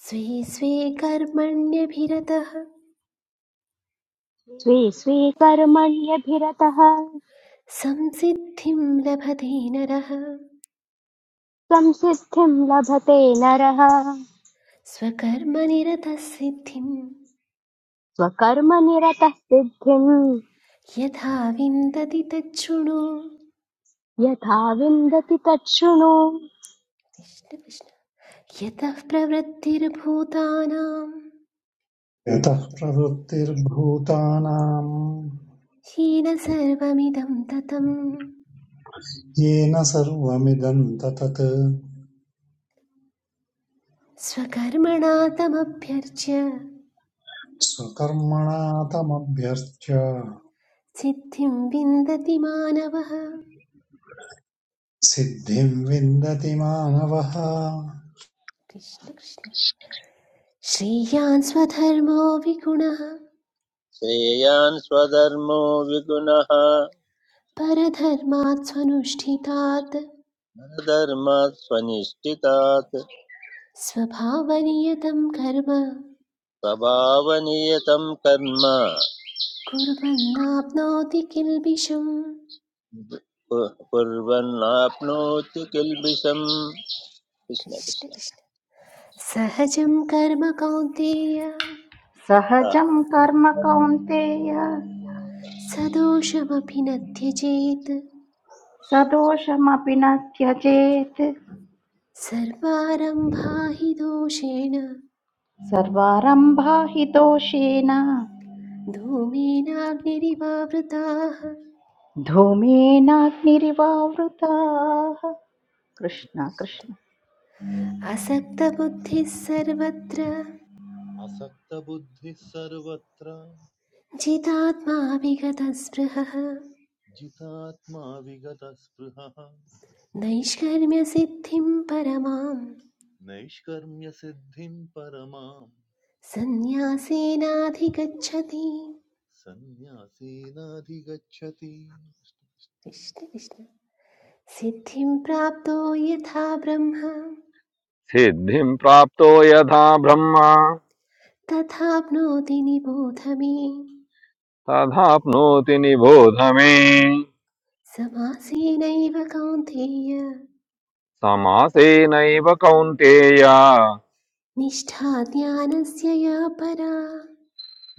Speaker 2: स्वे स्वे कर्मण्यभिरतः
Speaker 1: स्वे स्वे कर्मण्यभिरतः
Speaker 2: संसिद्धिं लभते नरः
Speaker 1: संसिद्धिं लभते नरः
Speaker 2: स्वकर्मनिरतः सिद्धिं
Speaker 1: स्वकर्मनिरतः सिद्धिम्
Speaker 2: यथा विन्दति तच्छृणु
Speaker 1: यथा विन्दति तच्छृणु
Speaker 2: कृष्ण कृष्ण यतः
Speaker 3: यतः प्रवृत्तिर्भूतानां
Speaker 2: हीन सर्वमिदं ततं
Speaker 3: येन सर्वमिदं ततत्
Speaker 2: स्वकर्मणा तमभ्यर्च्य
Speaker 3: स्वकर्मणा तमभ्यर्च्य
Speaker 2: सिद्धिं विन्दति मानवः
Speaker 3: सिद्धिं विन्दति मानवः
Speaker 2: कृष्ण कृष्ण श्रेयान् स्वधर्मो विगुणः
Speaker 4: श्रेयान् स्वधर्मो विगुणः
Speaker 2: परधर्मात् स्वनुष्ठितात्
Speaker 4: धर्मात् स्वनिष्ठितात्
Speaker 2: स्वभावनियतं कर्म
Speaker 4: स्वभावनियतं कर्म
Speaker 2: कुर्वन्नाप्नोति किल्बिषम्
Speaker 4: कुर्वन्नाप्नोति किल्बिषम् कृष्ण
Speaker 2: कृष्ण
Speaker 4: कृष्ण
Speaker 2: कृष्ण सहजं कर्म कौन्तेय
Speaker 4: आ,
Speaker 5: सहजं कर्म कौन्तेय
Speaker 2: सदोषमपि न त्यजेत्
Speaker 5: सदोषमपि न त्यजेत्
Speaker 2: सर्वारम्भा हि दोषेण
Speaker 5: सर्वारम्भा हि दोषेण
Speaker 2: धूमेनाग्निरिवावृताः
Speaker 5: धूमेनाग्निरिवावृताः कृष्ण कृष्ण
Speaker 2: असक्तबुद्धिः सर्वत्र
Speaker 6: असक्तबुद्धिः सर्वत्र
Speaker 2: जितात्मा विगतस्पृहः
Speaker 6: जितात्मा विगतस्पृहः
Speaker 2: नैष्कर्म्यसिद्धिं परमां
Speaker 6: नैष्कर्म्यसिद्धिं परमां
Speaker 2: सन्न्यासेनाधिगच्छति
Speaker 6: सन्न्यासेनाधिगच्छति
Speaker 2: कृष्ण कृष्ण सिद्धिं प्राप्तो यथा ब्रह्म
Speaker 7: सिद्धिं प्राप्तो यथा ब्रह्म
Speaker 2: तथाप्नोति निबोध मे
Speaker 7: तथाप्नोति निबोध मे
Speaker 2: समासेनैव कौन्तेय
Speaker 7: समासेनैव कौन्तेय
Speaker 2: निष्ठा ज्ञानस्य या परा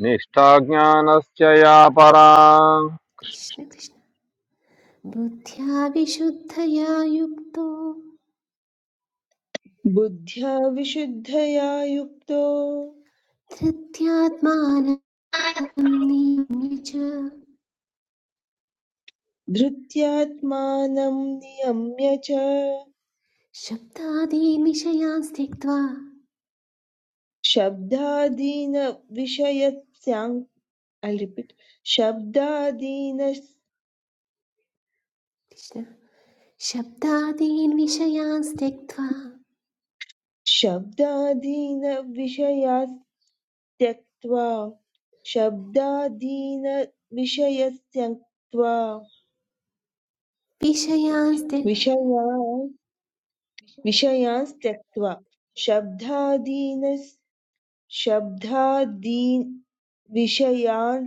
Speaker 7: निष्ठा ज्ञानस्य या परा
Speaker 2: कृष्ण कृष्ण बुद्ध्या विशुद्धया युक्तो
Speaker 8: बुद्ध्या विशुद्धया युक्तो
Speaker 2: धृत्यात्मानं निम्य च
Speaker 8: धृत्यात्मानं नियम्य च
Speaker 2: शब्दादीन् विषयान् त्यक्त्वा
Speaker 8: शब्दादीन विषयस्याङ्
Speaker 2: कृष्ण शब्दादीन् विषयान् त्यक्त्वा
Speaker 8: शब्दादीनविषयान् त्यक्त्वा शब्दादीनविषयस्त्यक्त्वा
Speaker 2: विषयांस्त्य
Speaker 8: विषयान् विषयान् त्यक्त्वा शब्दादीन शब्दादीन् विषयान्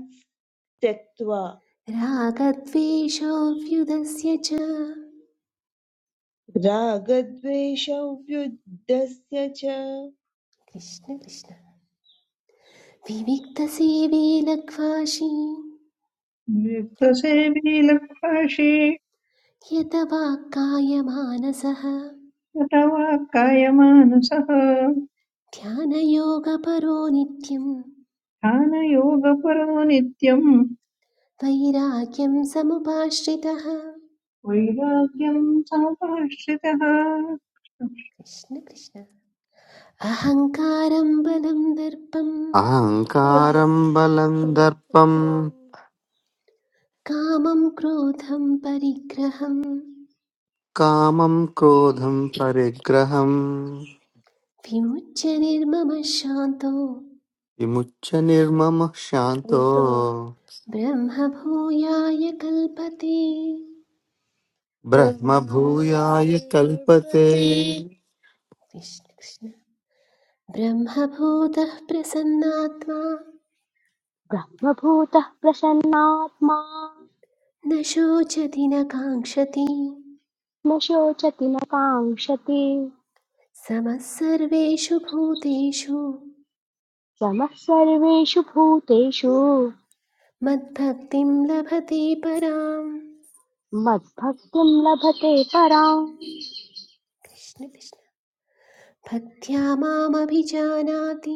Speaker 8: त्यक्त्वा
Speaker 2: रागद्वेषोऽव्युदस्य च
Speaker 8: रागद्वेषव्युद्धस्य च
Speaker 2: कृष्ण कृष्ण विविक्तसेवे लघ्वाशी
Speaker 9: मृत्युसेवी लक्ष्वाशी
Speaker 2: यत वाक्कायमानसः
Speaker 9: अथवा कायमानसः
Speaker 2: ध्यानयोगपरो नित्यं
Speaker 9: ध्यानयोगपरो नित्यम्
Speaker 2: वैराग्यं समुपाश्रितः
Speaker 9: वैराग्यम् समाश्रितः
Speaker 2: कृष्ण कृष्ण अहङ्कारं बलं दर्पं
Speaker 10: अहङ्कारं बलं दर्पं
Speaker 2: कामं क्रोधं परिग्रहं
Speaker 10: कामं क्रोधं परिग्रहम्
Speaker 2: विमुच्य निर्ममः शान्तो
Speaker 10: विमुच्य निर्ममः शान्तो
Speaker 2: ब्रह्मभूयाय कल्पते
Speaker 10: ब्रह्मभूयाय कल्पते
Speaker 2: कृष्ण कृष्ण ब्रह्मभूतः प्रसन्नात्मा
Speaker 1: ब्रह्मभूतः प्रसन्नात्मा
Speaker 2: न शोचति न काङ्क्षति
Speaker 1: न शोचति न काङ्क्षति
Speaker 2: समः सर्वेषु भूतेषु
Speaker 1: समः सर्वेषु भूतेषु
Speaker 2: मद्भक्तिं लभते पराम्
Speaker 1: मद्भक्तिं लभते पराम्
Speaker 2: कृष्ण कृष्ण भक्त्या मामभिजानाति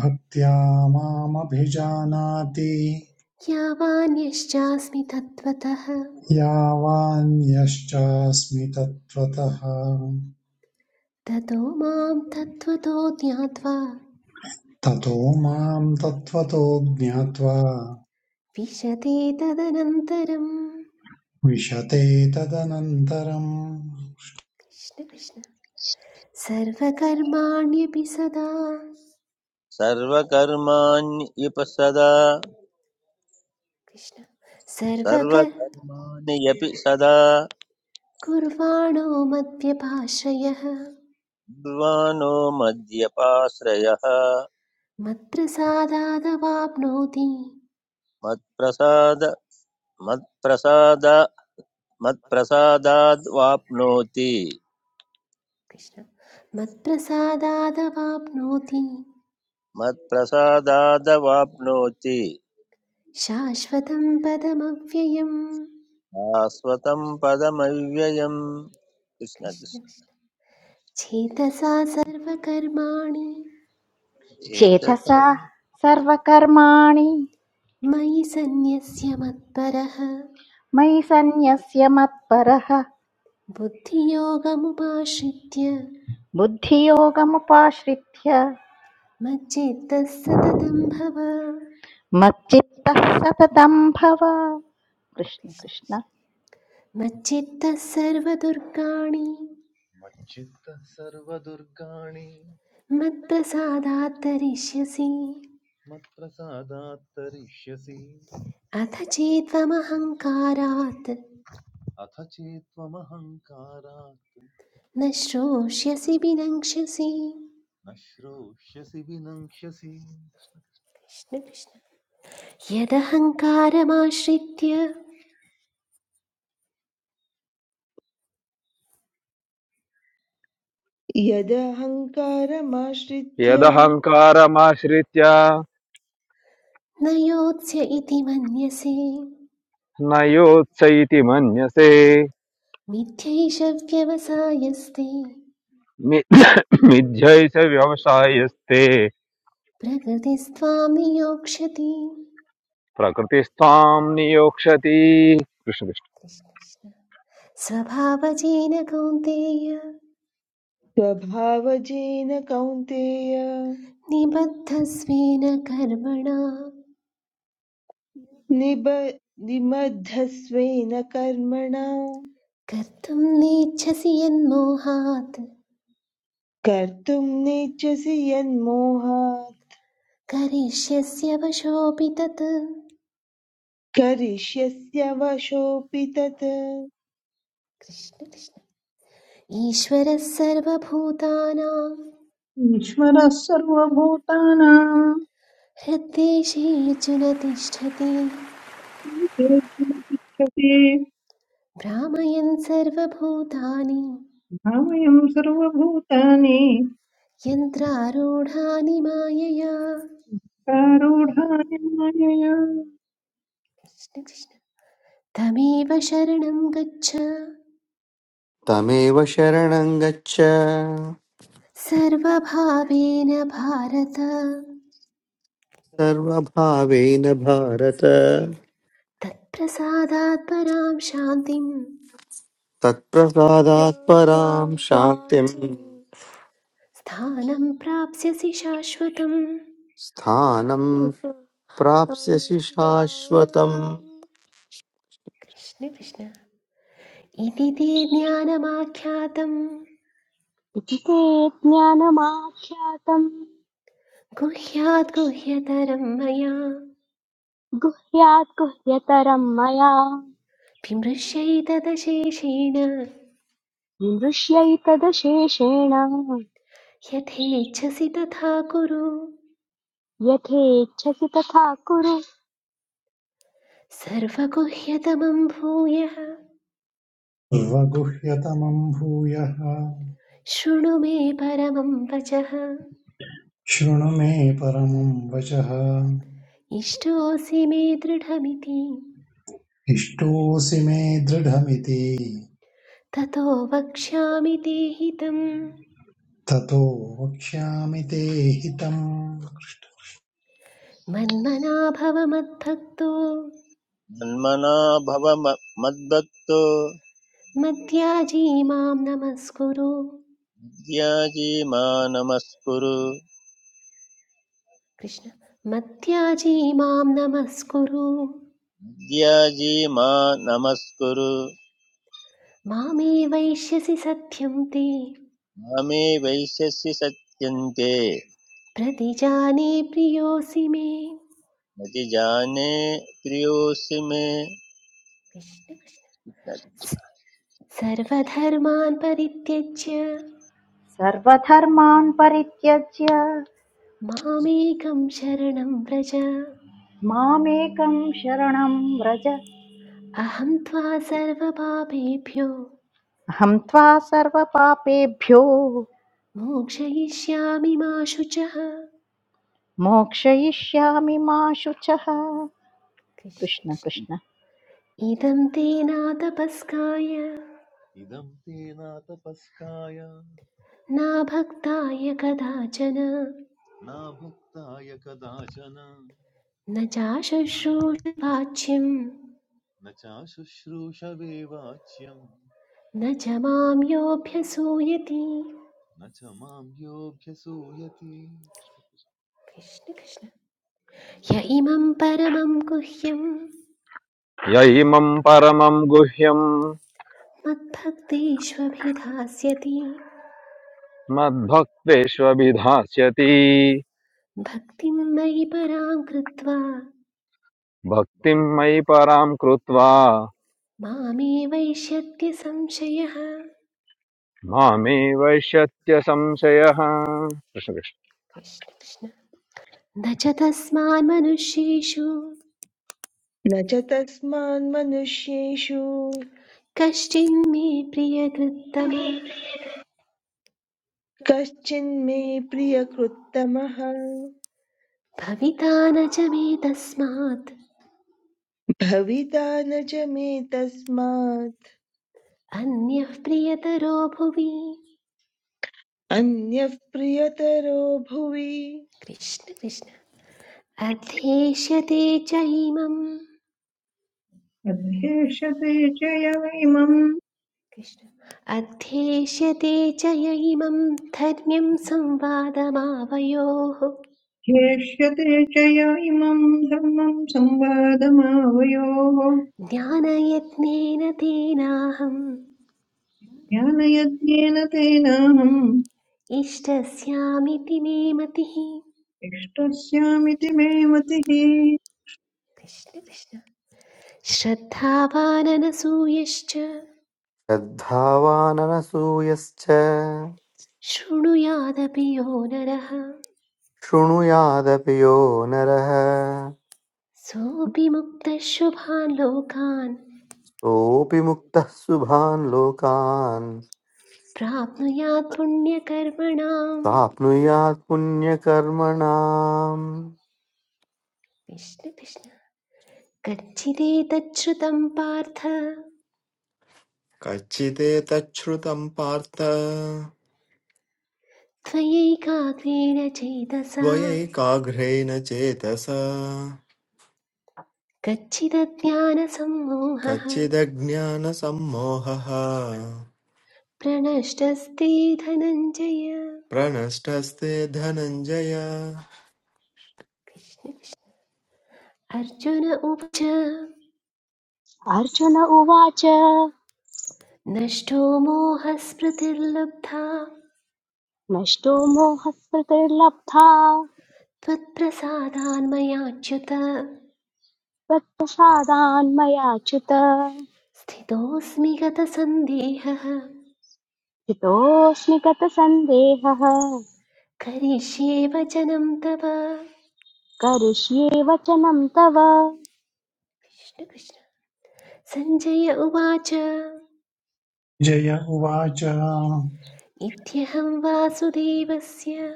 Speaker 3: भक्त्या मामभिजानाति
Speaker 2: यावान्यश्चास्मि तत्त्वतः
Speaker 3: यावान्यश्चास्मि तत्त्वतः
Speaker 2: ततो मां तत्त्वतो ज्ञात्वा
Speaker 3: ततो मां तत्त्वतो ज्ञात्वा
Speaker 2: विशते तदनन्तरम्
Speaker 3: विशते तदनन्तरम्
Speaker 2: कृष्ण कृष्ण सर्वकर्माण्यपि सदा
Speaker 4: इप सदा
Speaker 2: कृष्ण सर्वकर्
Speaker 4: सर्वकर्माणि अपि सदा
Speaker 2: कुर्वाणो मद्व्यपाश्रयः
Speaker 4: निर्वाणो मद्यपाश्रयः
Speaker 2: मत्प्रसादादवाप्नोति
Speaker 4: मत्प्रसाद मत्प्रसाद मत्प्रसादाद्वाप्नोति
Speaker 2: कृष्ण मत्प्रसादादवाप्नोति
Speaker 4: मत्प्रसादादवाप्नोति
Speaker 2: शाश्वतं पदमव्ययम्
Speaker 4: शाश्वतं पदमव्ययम् कृष्ण
Speaker 2: कृष्ण
Speaker 4: कृष्ण
Speaker 2: कृष्ण। चेतसा सर्वकर्माणि
Speaker 4: एतत्
Speaker 5: चेतसा सर्वकर्माणि
Speaker 2: मयि सन्न्यस्य मत्परः
Speaker 5: मयि सन्न्यस्य मत्परः
Speaker 2: बुद्धियोगमुपाश्रित्य
Speaker 5: बुद्धियोगमुपाश्रित्य
Speaker 2: मच्चित्तः सततं भव
Speaker 5: मच्चित्तः सततं भव कृष्ण
Speaker 2: कृष्ण
Speaker 5: कृष्ण
Speaker 2: कृष्ण। मच्चित्तः सर्वदुर्गाणि
Speaker 6: मच्चित्तः सर्वदुर्गाणि
Speaker 2: मत्प्रसादात् तरिष्यसि
Speaker 6: मत्प्रसादात् तरिष्यसि
Speaker 2: अथ चेत्त्वमहङ्कारात्
Speaker 6: अथ चेत्त्वमहङ्कारात्
Speaker 2: न श्रोष्यसि विनङ्क्ष्यसि
Speaker 6: न श्रोष्यसि विनङ्क्ष्यसि
Speaker 2: कृष्ण कृष्ण यदहङ्कारमाश्रित्य
Speaker 8: यदहङ्कारमाश्रित्य
Speaker 7: यदहङ्कारमाश्रित्य
Speaker 2: न योत्स्य इति मन्यसे
Speaker 7: न योत्सैति मन्यसे
Speaker 2: मिथ्यैष व्यवसायस्ते
Speaker 7: मि- मिथ्यैष व्यवसायस्ते
Speaker 2: प्रकृतिस्त्वां नियोक्ष्यति
Speaker 7: प्रकृतिस्त्वां नियोक्षति कृष्ण कृष्ण।
Speaker 2: कृष्ण कृष्ण स्वभावजेन कौन्तेय
Speaker 8: स्वभावजेन कौन्तेय
Speaker 2: निबद्धस्वेन कर्मणा
Speaker 8: निबद्धस्वेन कर्मणा
Speaker 2: कर्तुं नेच्छसि यन्मोहात्
Speaker 8: कर्तुं नेच्छसि यन्मोहात्
Speaker 2: करिष्यस्य वशोऽपि तत्
Speaker 8: करिष्यस्य वशोऽपि तत्
Speaker 2: ईश्वरः सर्वभूतानां
Speaker 9: ईश्वरः सर्वभूतानां
Speaker 2: हृद्देशेऽर्जुन तिष्ठति
Speaker 9: इच्छति
Speaker 2: भ्रामयन् सर्वभूतानि
Speaker 9: भावयम् सर्वभूतानि
Speaker 2: यन्त्रारूढानि मायया
Speaker 9: कारूढानि मायया
Speaker 2: कृष्ण, कृष्ण। तमेव शरणं गच्छ
Speaker 10: तमेव शरणं गच्छ
Speaker 2: सर्वभावेन भारत
Speaker 10: सर्वभावेन भारत
Speaker 2: तत्प्रसादात् परां शान्तिं
Speaker 10: तत्प्रसादात् परां शान्तिं
Speaker 2: स्थानं प्राप्स्यसि शाश्वतम्
Speaker 10: स्थानं प्राप्स्यसि शाश्वतम्
Speaker 2: कृष्ण कृष्ण इति ते ज्ञानमाख्यातम्
Speaker 1: इति ते ज्ञानमाख्यातम्
Speaker 2: गुह्याद् गुह्यतरं मया
Speaker 1: गुह्यात् गुह्यतरम् मया
Speaker 2: विमृश्यैतदशेषेण
Speaker 1: विमृश्यैतदशेषेण
Speaker 2: यथेच्छसि तथा कुरु
Speaker 1: यथेच्छसि तथा कुरु
Speaker 2: सर्वगुह्यतमं भूयः
Speaker 3: सर्वगुह्यतमम् भूयः
Speaker 2: शृणु मे परमं वचः
Speaker 3: शृणु मे परमं वचः
Speaker 2: इष्टोऽसि मे दृढमिति
Speaker 3: इष्टोऽसि मे दृढमिति
Speaker 2: ततो वक्ष्यामि ते हितं
Speaker 3: ततो वक्ष्यामि ते हितम्
Speaker 2: मन्मना भव मद्भक्तो
Speaker 4: मन्मना भव म- मद्भक्तो
Speaker 2: मद्याजी मां नमस्कुरु
Speaker 4: ध्याजीमा नमस्कुरु
Speaker 2: कृष्ण मद्याजी मां नमस्कुरु
Speaker 4: ध्याजीमा नमस्कुरु
Speaker 2: मामे वैश्यसि सत्यं ते
Speaker 4: मामे वैश्यसि सत्यन्ते
Speaker 2: प्रतिजाने प्रियोऽसि मे
Speaker 4: न ति जाने प्रियोऽसि मे
Speaker 2: कृष्ण कृष्ण। स- सर्वधर्मान् परित्यज्य
Speaker 5: सर्वधर्मान् परित्यज्य
Speaker 2: मामेकं शरणं व्रज
Speaker 5: मामेकं शरणं व्रज
Speaker 2: अहं त्वा सर्वपापेभ्यो
Speaker 5: अहं त्वा सर्वपापेभ्यो
Speaker 2: मोक्षयिष्यामि मा शुचः
Speaker 5: मोक्षयिष्यामि मा शुचः कृष्ण
Speaker 2: कृष्ण कृष्ण।
Speaker 5: कृष्ण
Speaker 2: इदं ते नातपस्काय
Speaker 6: इदं ते नातपस्काय
Speaker 2: न भक्ताय कदाचन
Speaker 6: नाभुक्ताय कदाचन
Speaker 2: न चाशुश्रूषवाच्यम्
Speaker 6: न चाशुश्रूषवे वाच्यं
Speaker 2: न च मां योऽभ्यसूयति
Speaker 6: न च मां योऽभ्यसूयति
Speaker 2: कृष्ण कृष्ण य इमं परमं गुह्यं
Speaker 7: य इमं परमं गुह्यं
Speaker 2: मद्भक्तेष्वभिधास्यति
Speaker 7: मद्भक्तेष्वभिधास्यति
Speaker 2: भक्तिं मयि परां कृत्वा
Speaker 7: भक्तिं मयि परां कृत्वा
Speaker 2: मामेवैष्यत्य संशयः
Speaker 7: मामे वैश्यत्य संशयः कृष्ण कृष्ण।
Speaker 2: कृष्ण कृष्ण न च तस्मान्मनुष्येषु
Speaker 8: न च तस्मान्मनुष्येषु
Speaker 2: कश्चिन्मे प्रियकृत्तम
Speaker 8: कश्चिन्मे प्रियकृत्तमः
Speaker 2: भविता न च मे तस्मात्
Speaker 8: भविता न च मे तस्मात्
Speaker 2: अन्यः प्रियतरो भुवि
Speaker 8: अन्यः प्रियतरो भुवि
Speaker 2: कृष्ण कृष्ण अध्येष्यते च इमम्
Speaker 9: अध्येष्यते च य इमम्
Speaker 2: कृष्ण अध्येष्यते च य इमं धर्म्यं संवादमावयोः
Speaker 9: ध्येष्यते च य इमम् धर्मम् संवादमावयोः
Speaker 2: ज्ञानयत्नेन तेनाहम्
Speaker 9: ज्ञानयज्ञेन तेनाहम्
Speaker 2: इष्टस्यामिति मे मतिः
Speaker 9: इष्टस्यामिति मे मतिः
Speaker 2: कृष्ण कृष्ण श्रद्धावाननसूयश्च
Speaker 10: श्रद्धावाननसूयश्च
Speaker 2: शृणुयादपि यो नरः
Speaker 10: शृणुयादपि यो नरः
Speaker 2: सोऽपि मुक्तः शुभान् लोकान्
Speaker 10: सोऽपि मुक्तः शुभान् लोकान्
Speaker 2: प्राप्नुयात् पुण्यकर्मणाम्
Speaker 10: प्राप्नुयात् पुण्यकर्मणाम्
Speaker 2: कृष्ण कृष्ण कच्चिदेतच्छ्रुतं पार्थ
Speaker 11: कच्चिदेतच्छ्रुतं पार्थ
Speaker 2: त्वयैकाग्रेण चेतसा
Speaker 11: त्वयैकाग्र्येण चेतसा
Speaker 2: कच्चिदज्ञानसम्मोहः
Speaker 11: कच्चिदज्ञानसम्मोहः
Speaker 2: प्रणष्टस्ते धनञ्जय
Speaker 11: प्रनष्टस्ते धनञ्जय
Speaker 2: अर्जुन उवाच
Speaker 1: अर्जुन उवाच
Speaker 2: नष्टो मोहस्मृतिर्लब्धा
Speaker 1: नष्टो मोहस्मृतिर्लब्धा
Speaker 2: त्वत्प्रसादान्मयाच्युत
Speaker 1: त्वत्प्रसादान् मया च्युत
Speaker 2: स्थितोऽस्मि गतसन्देहः
Speaker 1: हितोऽस्मि गतसन्देहः
Speaker 2: करिष्ये वचनं तव कृष्ण
Speaker 1: करिष्ये वचनं तव
Speaker 2: कृष्ण सञ्जय उवाच
Speaker 3: जय उवाच
Speaker 2: इत्यहं वासुदेवस्य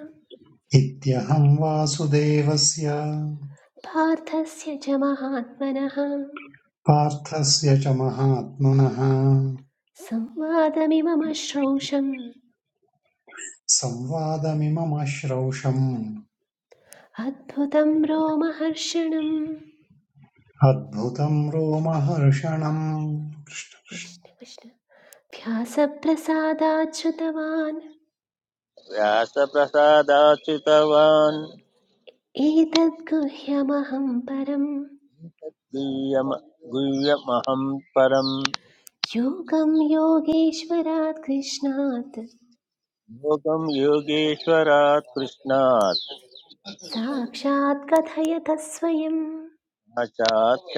Speaker 3: इत्यहं वासुदेवस्य
Speaker 2: पार्थस्य च महात्मनः
Speaker 3: पार्थस्य च महात्मनः
Speaker 2: संवादमिमम श्रौषम्
Speaker 3: संवादमिममश्रौषम्
Speaker 2: अद्भुतं रोमहर्षणम्
Speaker 3: अद्भुतं रोमहर्षणम्
Speaker 2: कृष्ण कृष्ण व्यासप्रसादाच्छ्रुतवान्
Speaker 4: व्यासप्रसादाच्युतवान्
Speaker 2: एतद्गुह्यमहं परम्
Speaker 4: गुह्यम- गुह्यमहं परं
Speaker 2: योगं योगेश्वरात् कृष्णात्
Speaker 4: योगं योगेश्वरात् कृष्णात्
Speaker 2: साक्षात् कथयत स्वयं
Speaker 4: साक्षात्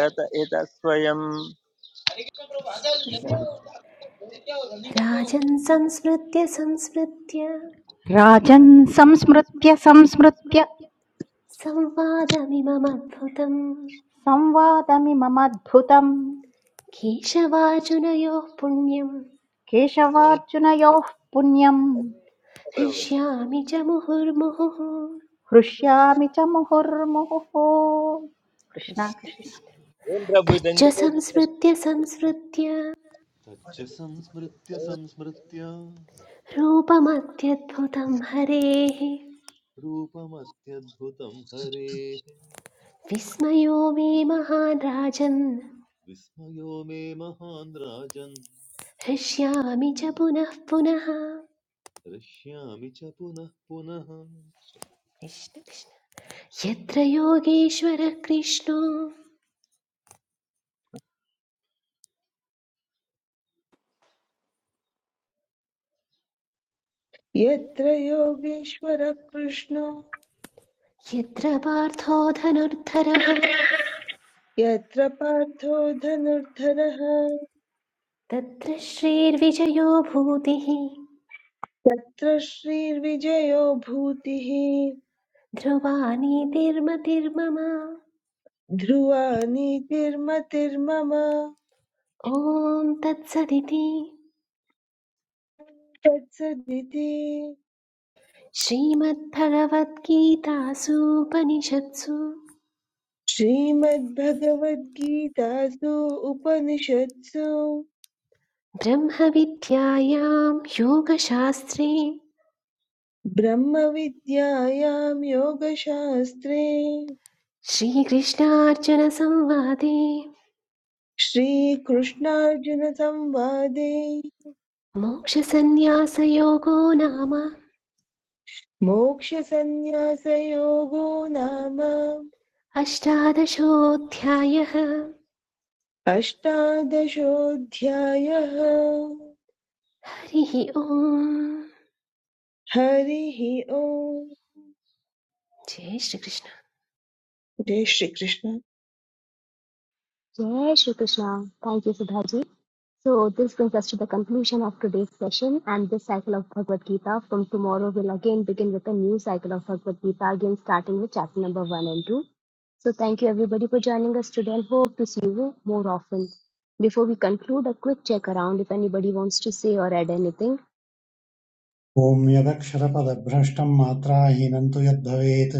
Speaker 4: इतः स्वयं
Speaker 2: कृष्ण कृष्ण राजन् संस्मृत्य संस्मृत्य
Speaker 5: राजन् संस्मृत्य संस्मृत्य
Speaker 2: संवादमिममद्भुतम्
Speaker 5: संवादमिममद्भुतम्
Speaker 2: केशवार्जुनयोः पुण्यम्
Speaker 5: केशवार्जुनयोः पुण्यम्
Speaker 2: हृष्यामि च मुहुर्मुहुः
Speaker 5: हृष्यामि च मुहुर्मुहुः कृष्ण
Speaker 2: कृष्ण
Speaker 5: कृष्ण
Speaker 2: कृष्ण
Speaker 4: ओम प्रभु
Speaker 2: तच्च
Speaker 4: चन्द्र
Speaker 2: संस्मृत्य संस्मृत्य
Speaker 6: तच्च संस्मृत्य संस्मृत्य
Speaker 2: रूपमत्यद्भुतं हरेः
Speaker 6: रूपमत्यद्भुतं हरेः
Speaker 2: विस्मयो मे महान् राजन्
Speaker 6: विस्मयो मे महान् राजन्
Speaker 2: हृष्यामि च पुनः पुनः
Speaker 6: हृष्यामि च पुनः पुनः
Speaker 2: कृष्ण कृष्ण यत्र योगेश्वरः कृष्णो
Speaker 8: यत्र योगेश्वरः कृष्णो
Speaker 2: यत्र पार्थो धनुर्धरः
Speaker 8: यत्र पार्थो धनुर्धरः
Speaker 2: तत्र श्रीर्विजयो भूतिः
Speaker 8: तत्र श्रीर्विजयो भूतिः
Speaker 2: ध्रुवा नीतिर्मतिर्मम
Speaker 8: ध्रुवा नीतिर्मतिर्मम
Speaker 2: ॐ तत्सदिति
Speaker 8: तत्सदिति
Speaker 2: श्रीमद्भगवद्गीतासूपनिषत्सु
Speaker 8: श्रीमद्भगवद्गीतासु उपनिषत्सु
Speaker 2: ब्रह्मविद्यायां योगशास्त्रे
Speaker 8: ब्रह्मविद्यायां योगशास्त्रे
Speaker 2: श्रीकृष्णार्जुनसंवादे
Speaker 8: श्रीकृष्णार्जुनसंवादे
Speaker 2: मोक्षसन्न्यासयोगो नाम
Speaker 8: मोक्षसन्न्यासयोगो नाम
Speaker 2: अष्टादशोऽध्यायः
Speaker 8: अष्टादशोऽध्यायः
Speaker 2: हरिः ओम्
Speaker 8: हरिः ओम्
Speaker 2: जय श्रीकृष्ण
Speaker 8: जय श्री कृष्ण
Speaker 1: जय Shri Krishna thank you Sudha ji So this brings us to the conclusion of today's session and this cycle of Bhagavad Gita. From tomorrow we'll again begin with a new cycle of Bhagavad Gita, again starting with chapter number 1 and 2. So thank you everybody for joining us today and hope to see you more often. Before we conclude, a quick check around if anybody wants to say or add anything.
Speaker 3: Om यदक्षरपदभ्रष्टं मात्राहीनं तु यद्भवेत्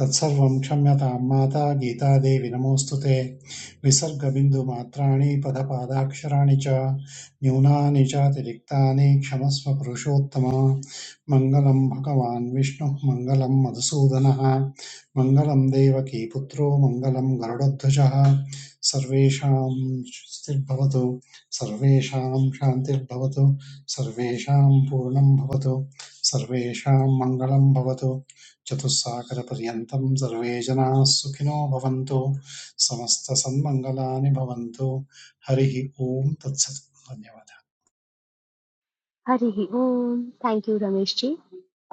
Speaker 3: तत्सर्वं क्षम्यतां माता गीतादेवि नमोऽस्तु ते विसर्गबिन्दुमात्राणि पदपादाक्षराणि च न्यूनानि चातिरिक्तानि क्षमस्व पुरुषोत्तम मङ्गलं भगवान् विष्णुः मङ्गलं मधुसूदनः मङ्गलं देवकी पुत्रो मङ्गलं गरुडध्वजः सर्वेषां स्वस्तिर्भवतु सर्वेषां शान्तिर्भवतु सर्वेशां पूर्णं भवतो सर्वेशां मंगलं भवतो चतुष्काग्र पर्यंतम् सर्वेजनाः सुखिनो भवन्तो समस्तसंबंगलानि भवन्तो हरि ही ओम तत्सत्वं न्यावदा
Speaker 1: Harihi Om. Thank you, Rameshji.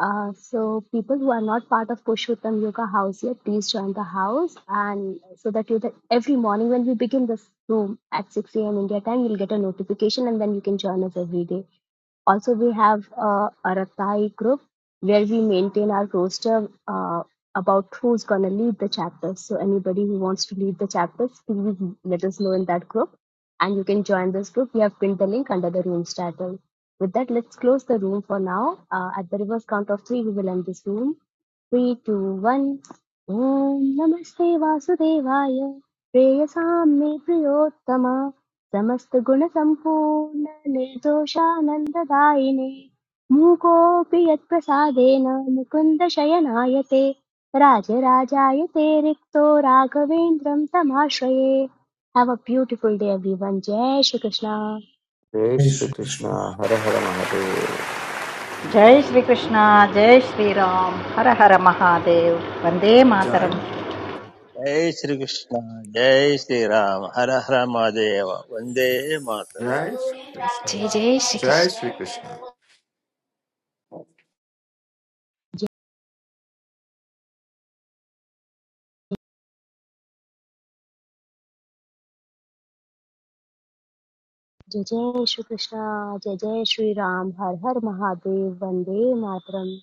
Speaker 1: Uh, so, people who are not part of Pushottam Yoga House yet, please join the house, and so that you that every morning when we begin this room at 6 a.m. India time, you'll get a notification, and then you can join us every day. Also, we have uh, a Ratai group where we maintain our roster uh, about who's going to lead the chapters. So, anybody who wants to lead the chapters, please let us know in that group. And you can join this group. We have pinned the link under the room's title. With that, let's close the room for now. Uh, at the reverse count of three, we will end this room. Three two one Om नमस्ते वासुदेवाय प्रेयसां मे प्रियोत्तम समस्तगुणसम्पूर्ण निर्दोषानन्ददायिने मूकोऽपि यत्प्रसादेन मुकुन्द शयनाय ते राजराजाय ते रिक्तो राघवेन्द्रं तमाश्रये have a beautiful day everyone जय श्रीकृष्ण
Speaker 10: जय श्रीकृष्ण हर हर महादेव
Speaker 5: జై శ్రీకృష్ణ జై శ్రీరామ్ హర హర మహాదేవ్ వందే
Speaker 11: जय
Speaker 5: మాతరం
Speaker 4: जय श्रीकृष्ण जय श्रीराम हर हर महादेव वन्दे मातरम्
Speaker 11: जय श्रीकृष्ण
Speaker 2: जय जय
Speaker 11: जय
Speaker 2: श्रीकृष्ण
Speaker 11: श्रीकृष्ण
Speaker 1: जय जय जय श्रीकृष्ण जय जय श्रीराम हर हर महादेव वन्दे मातरम्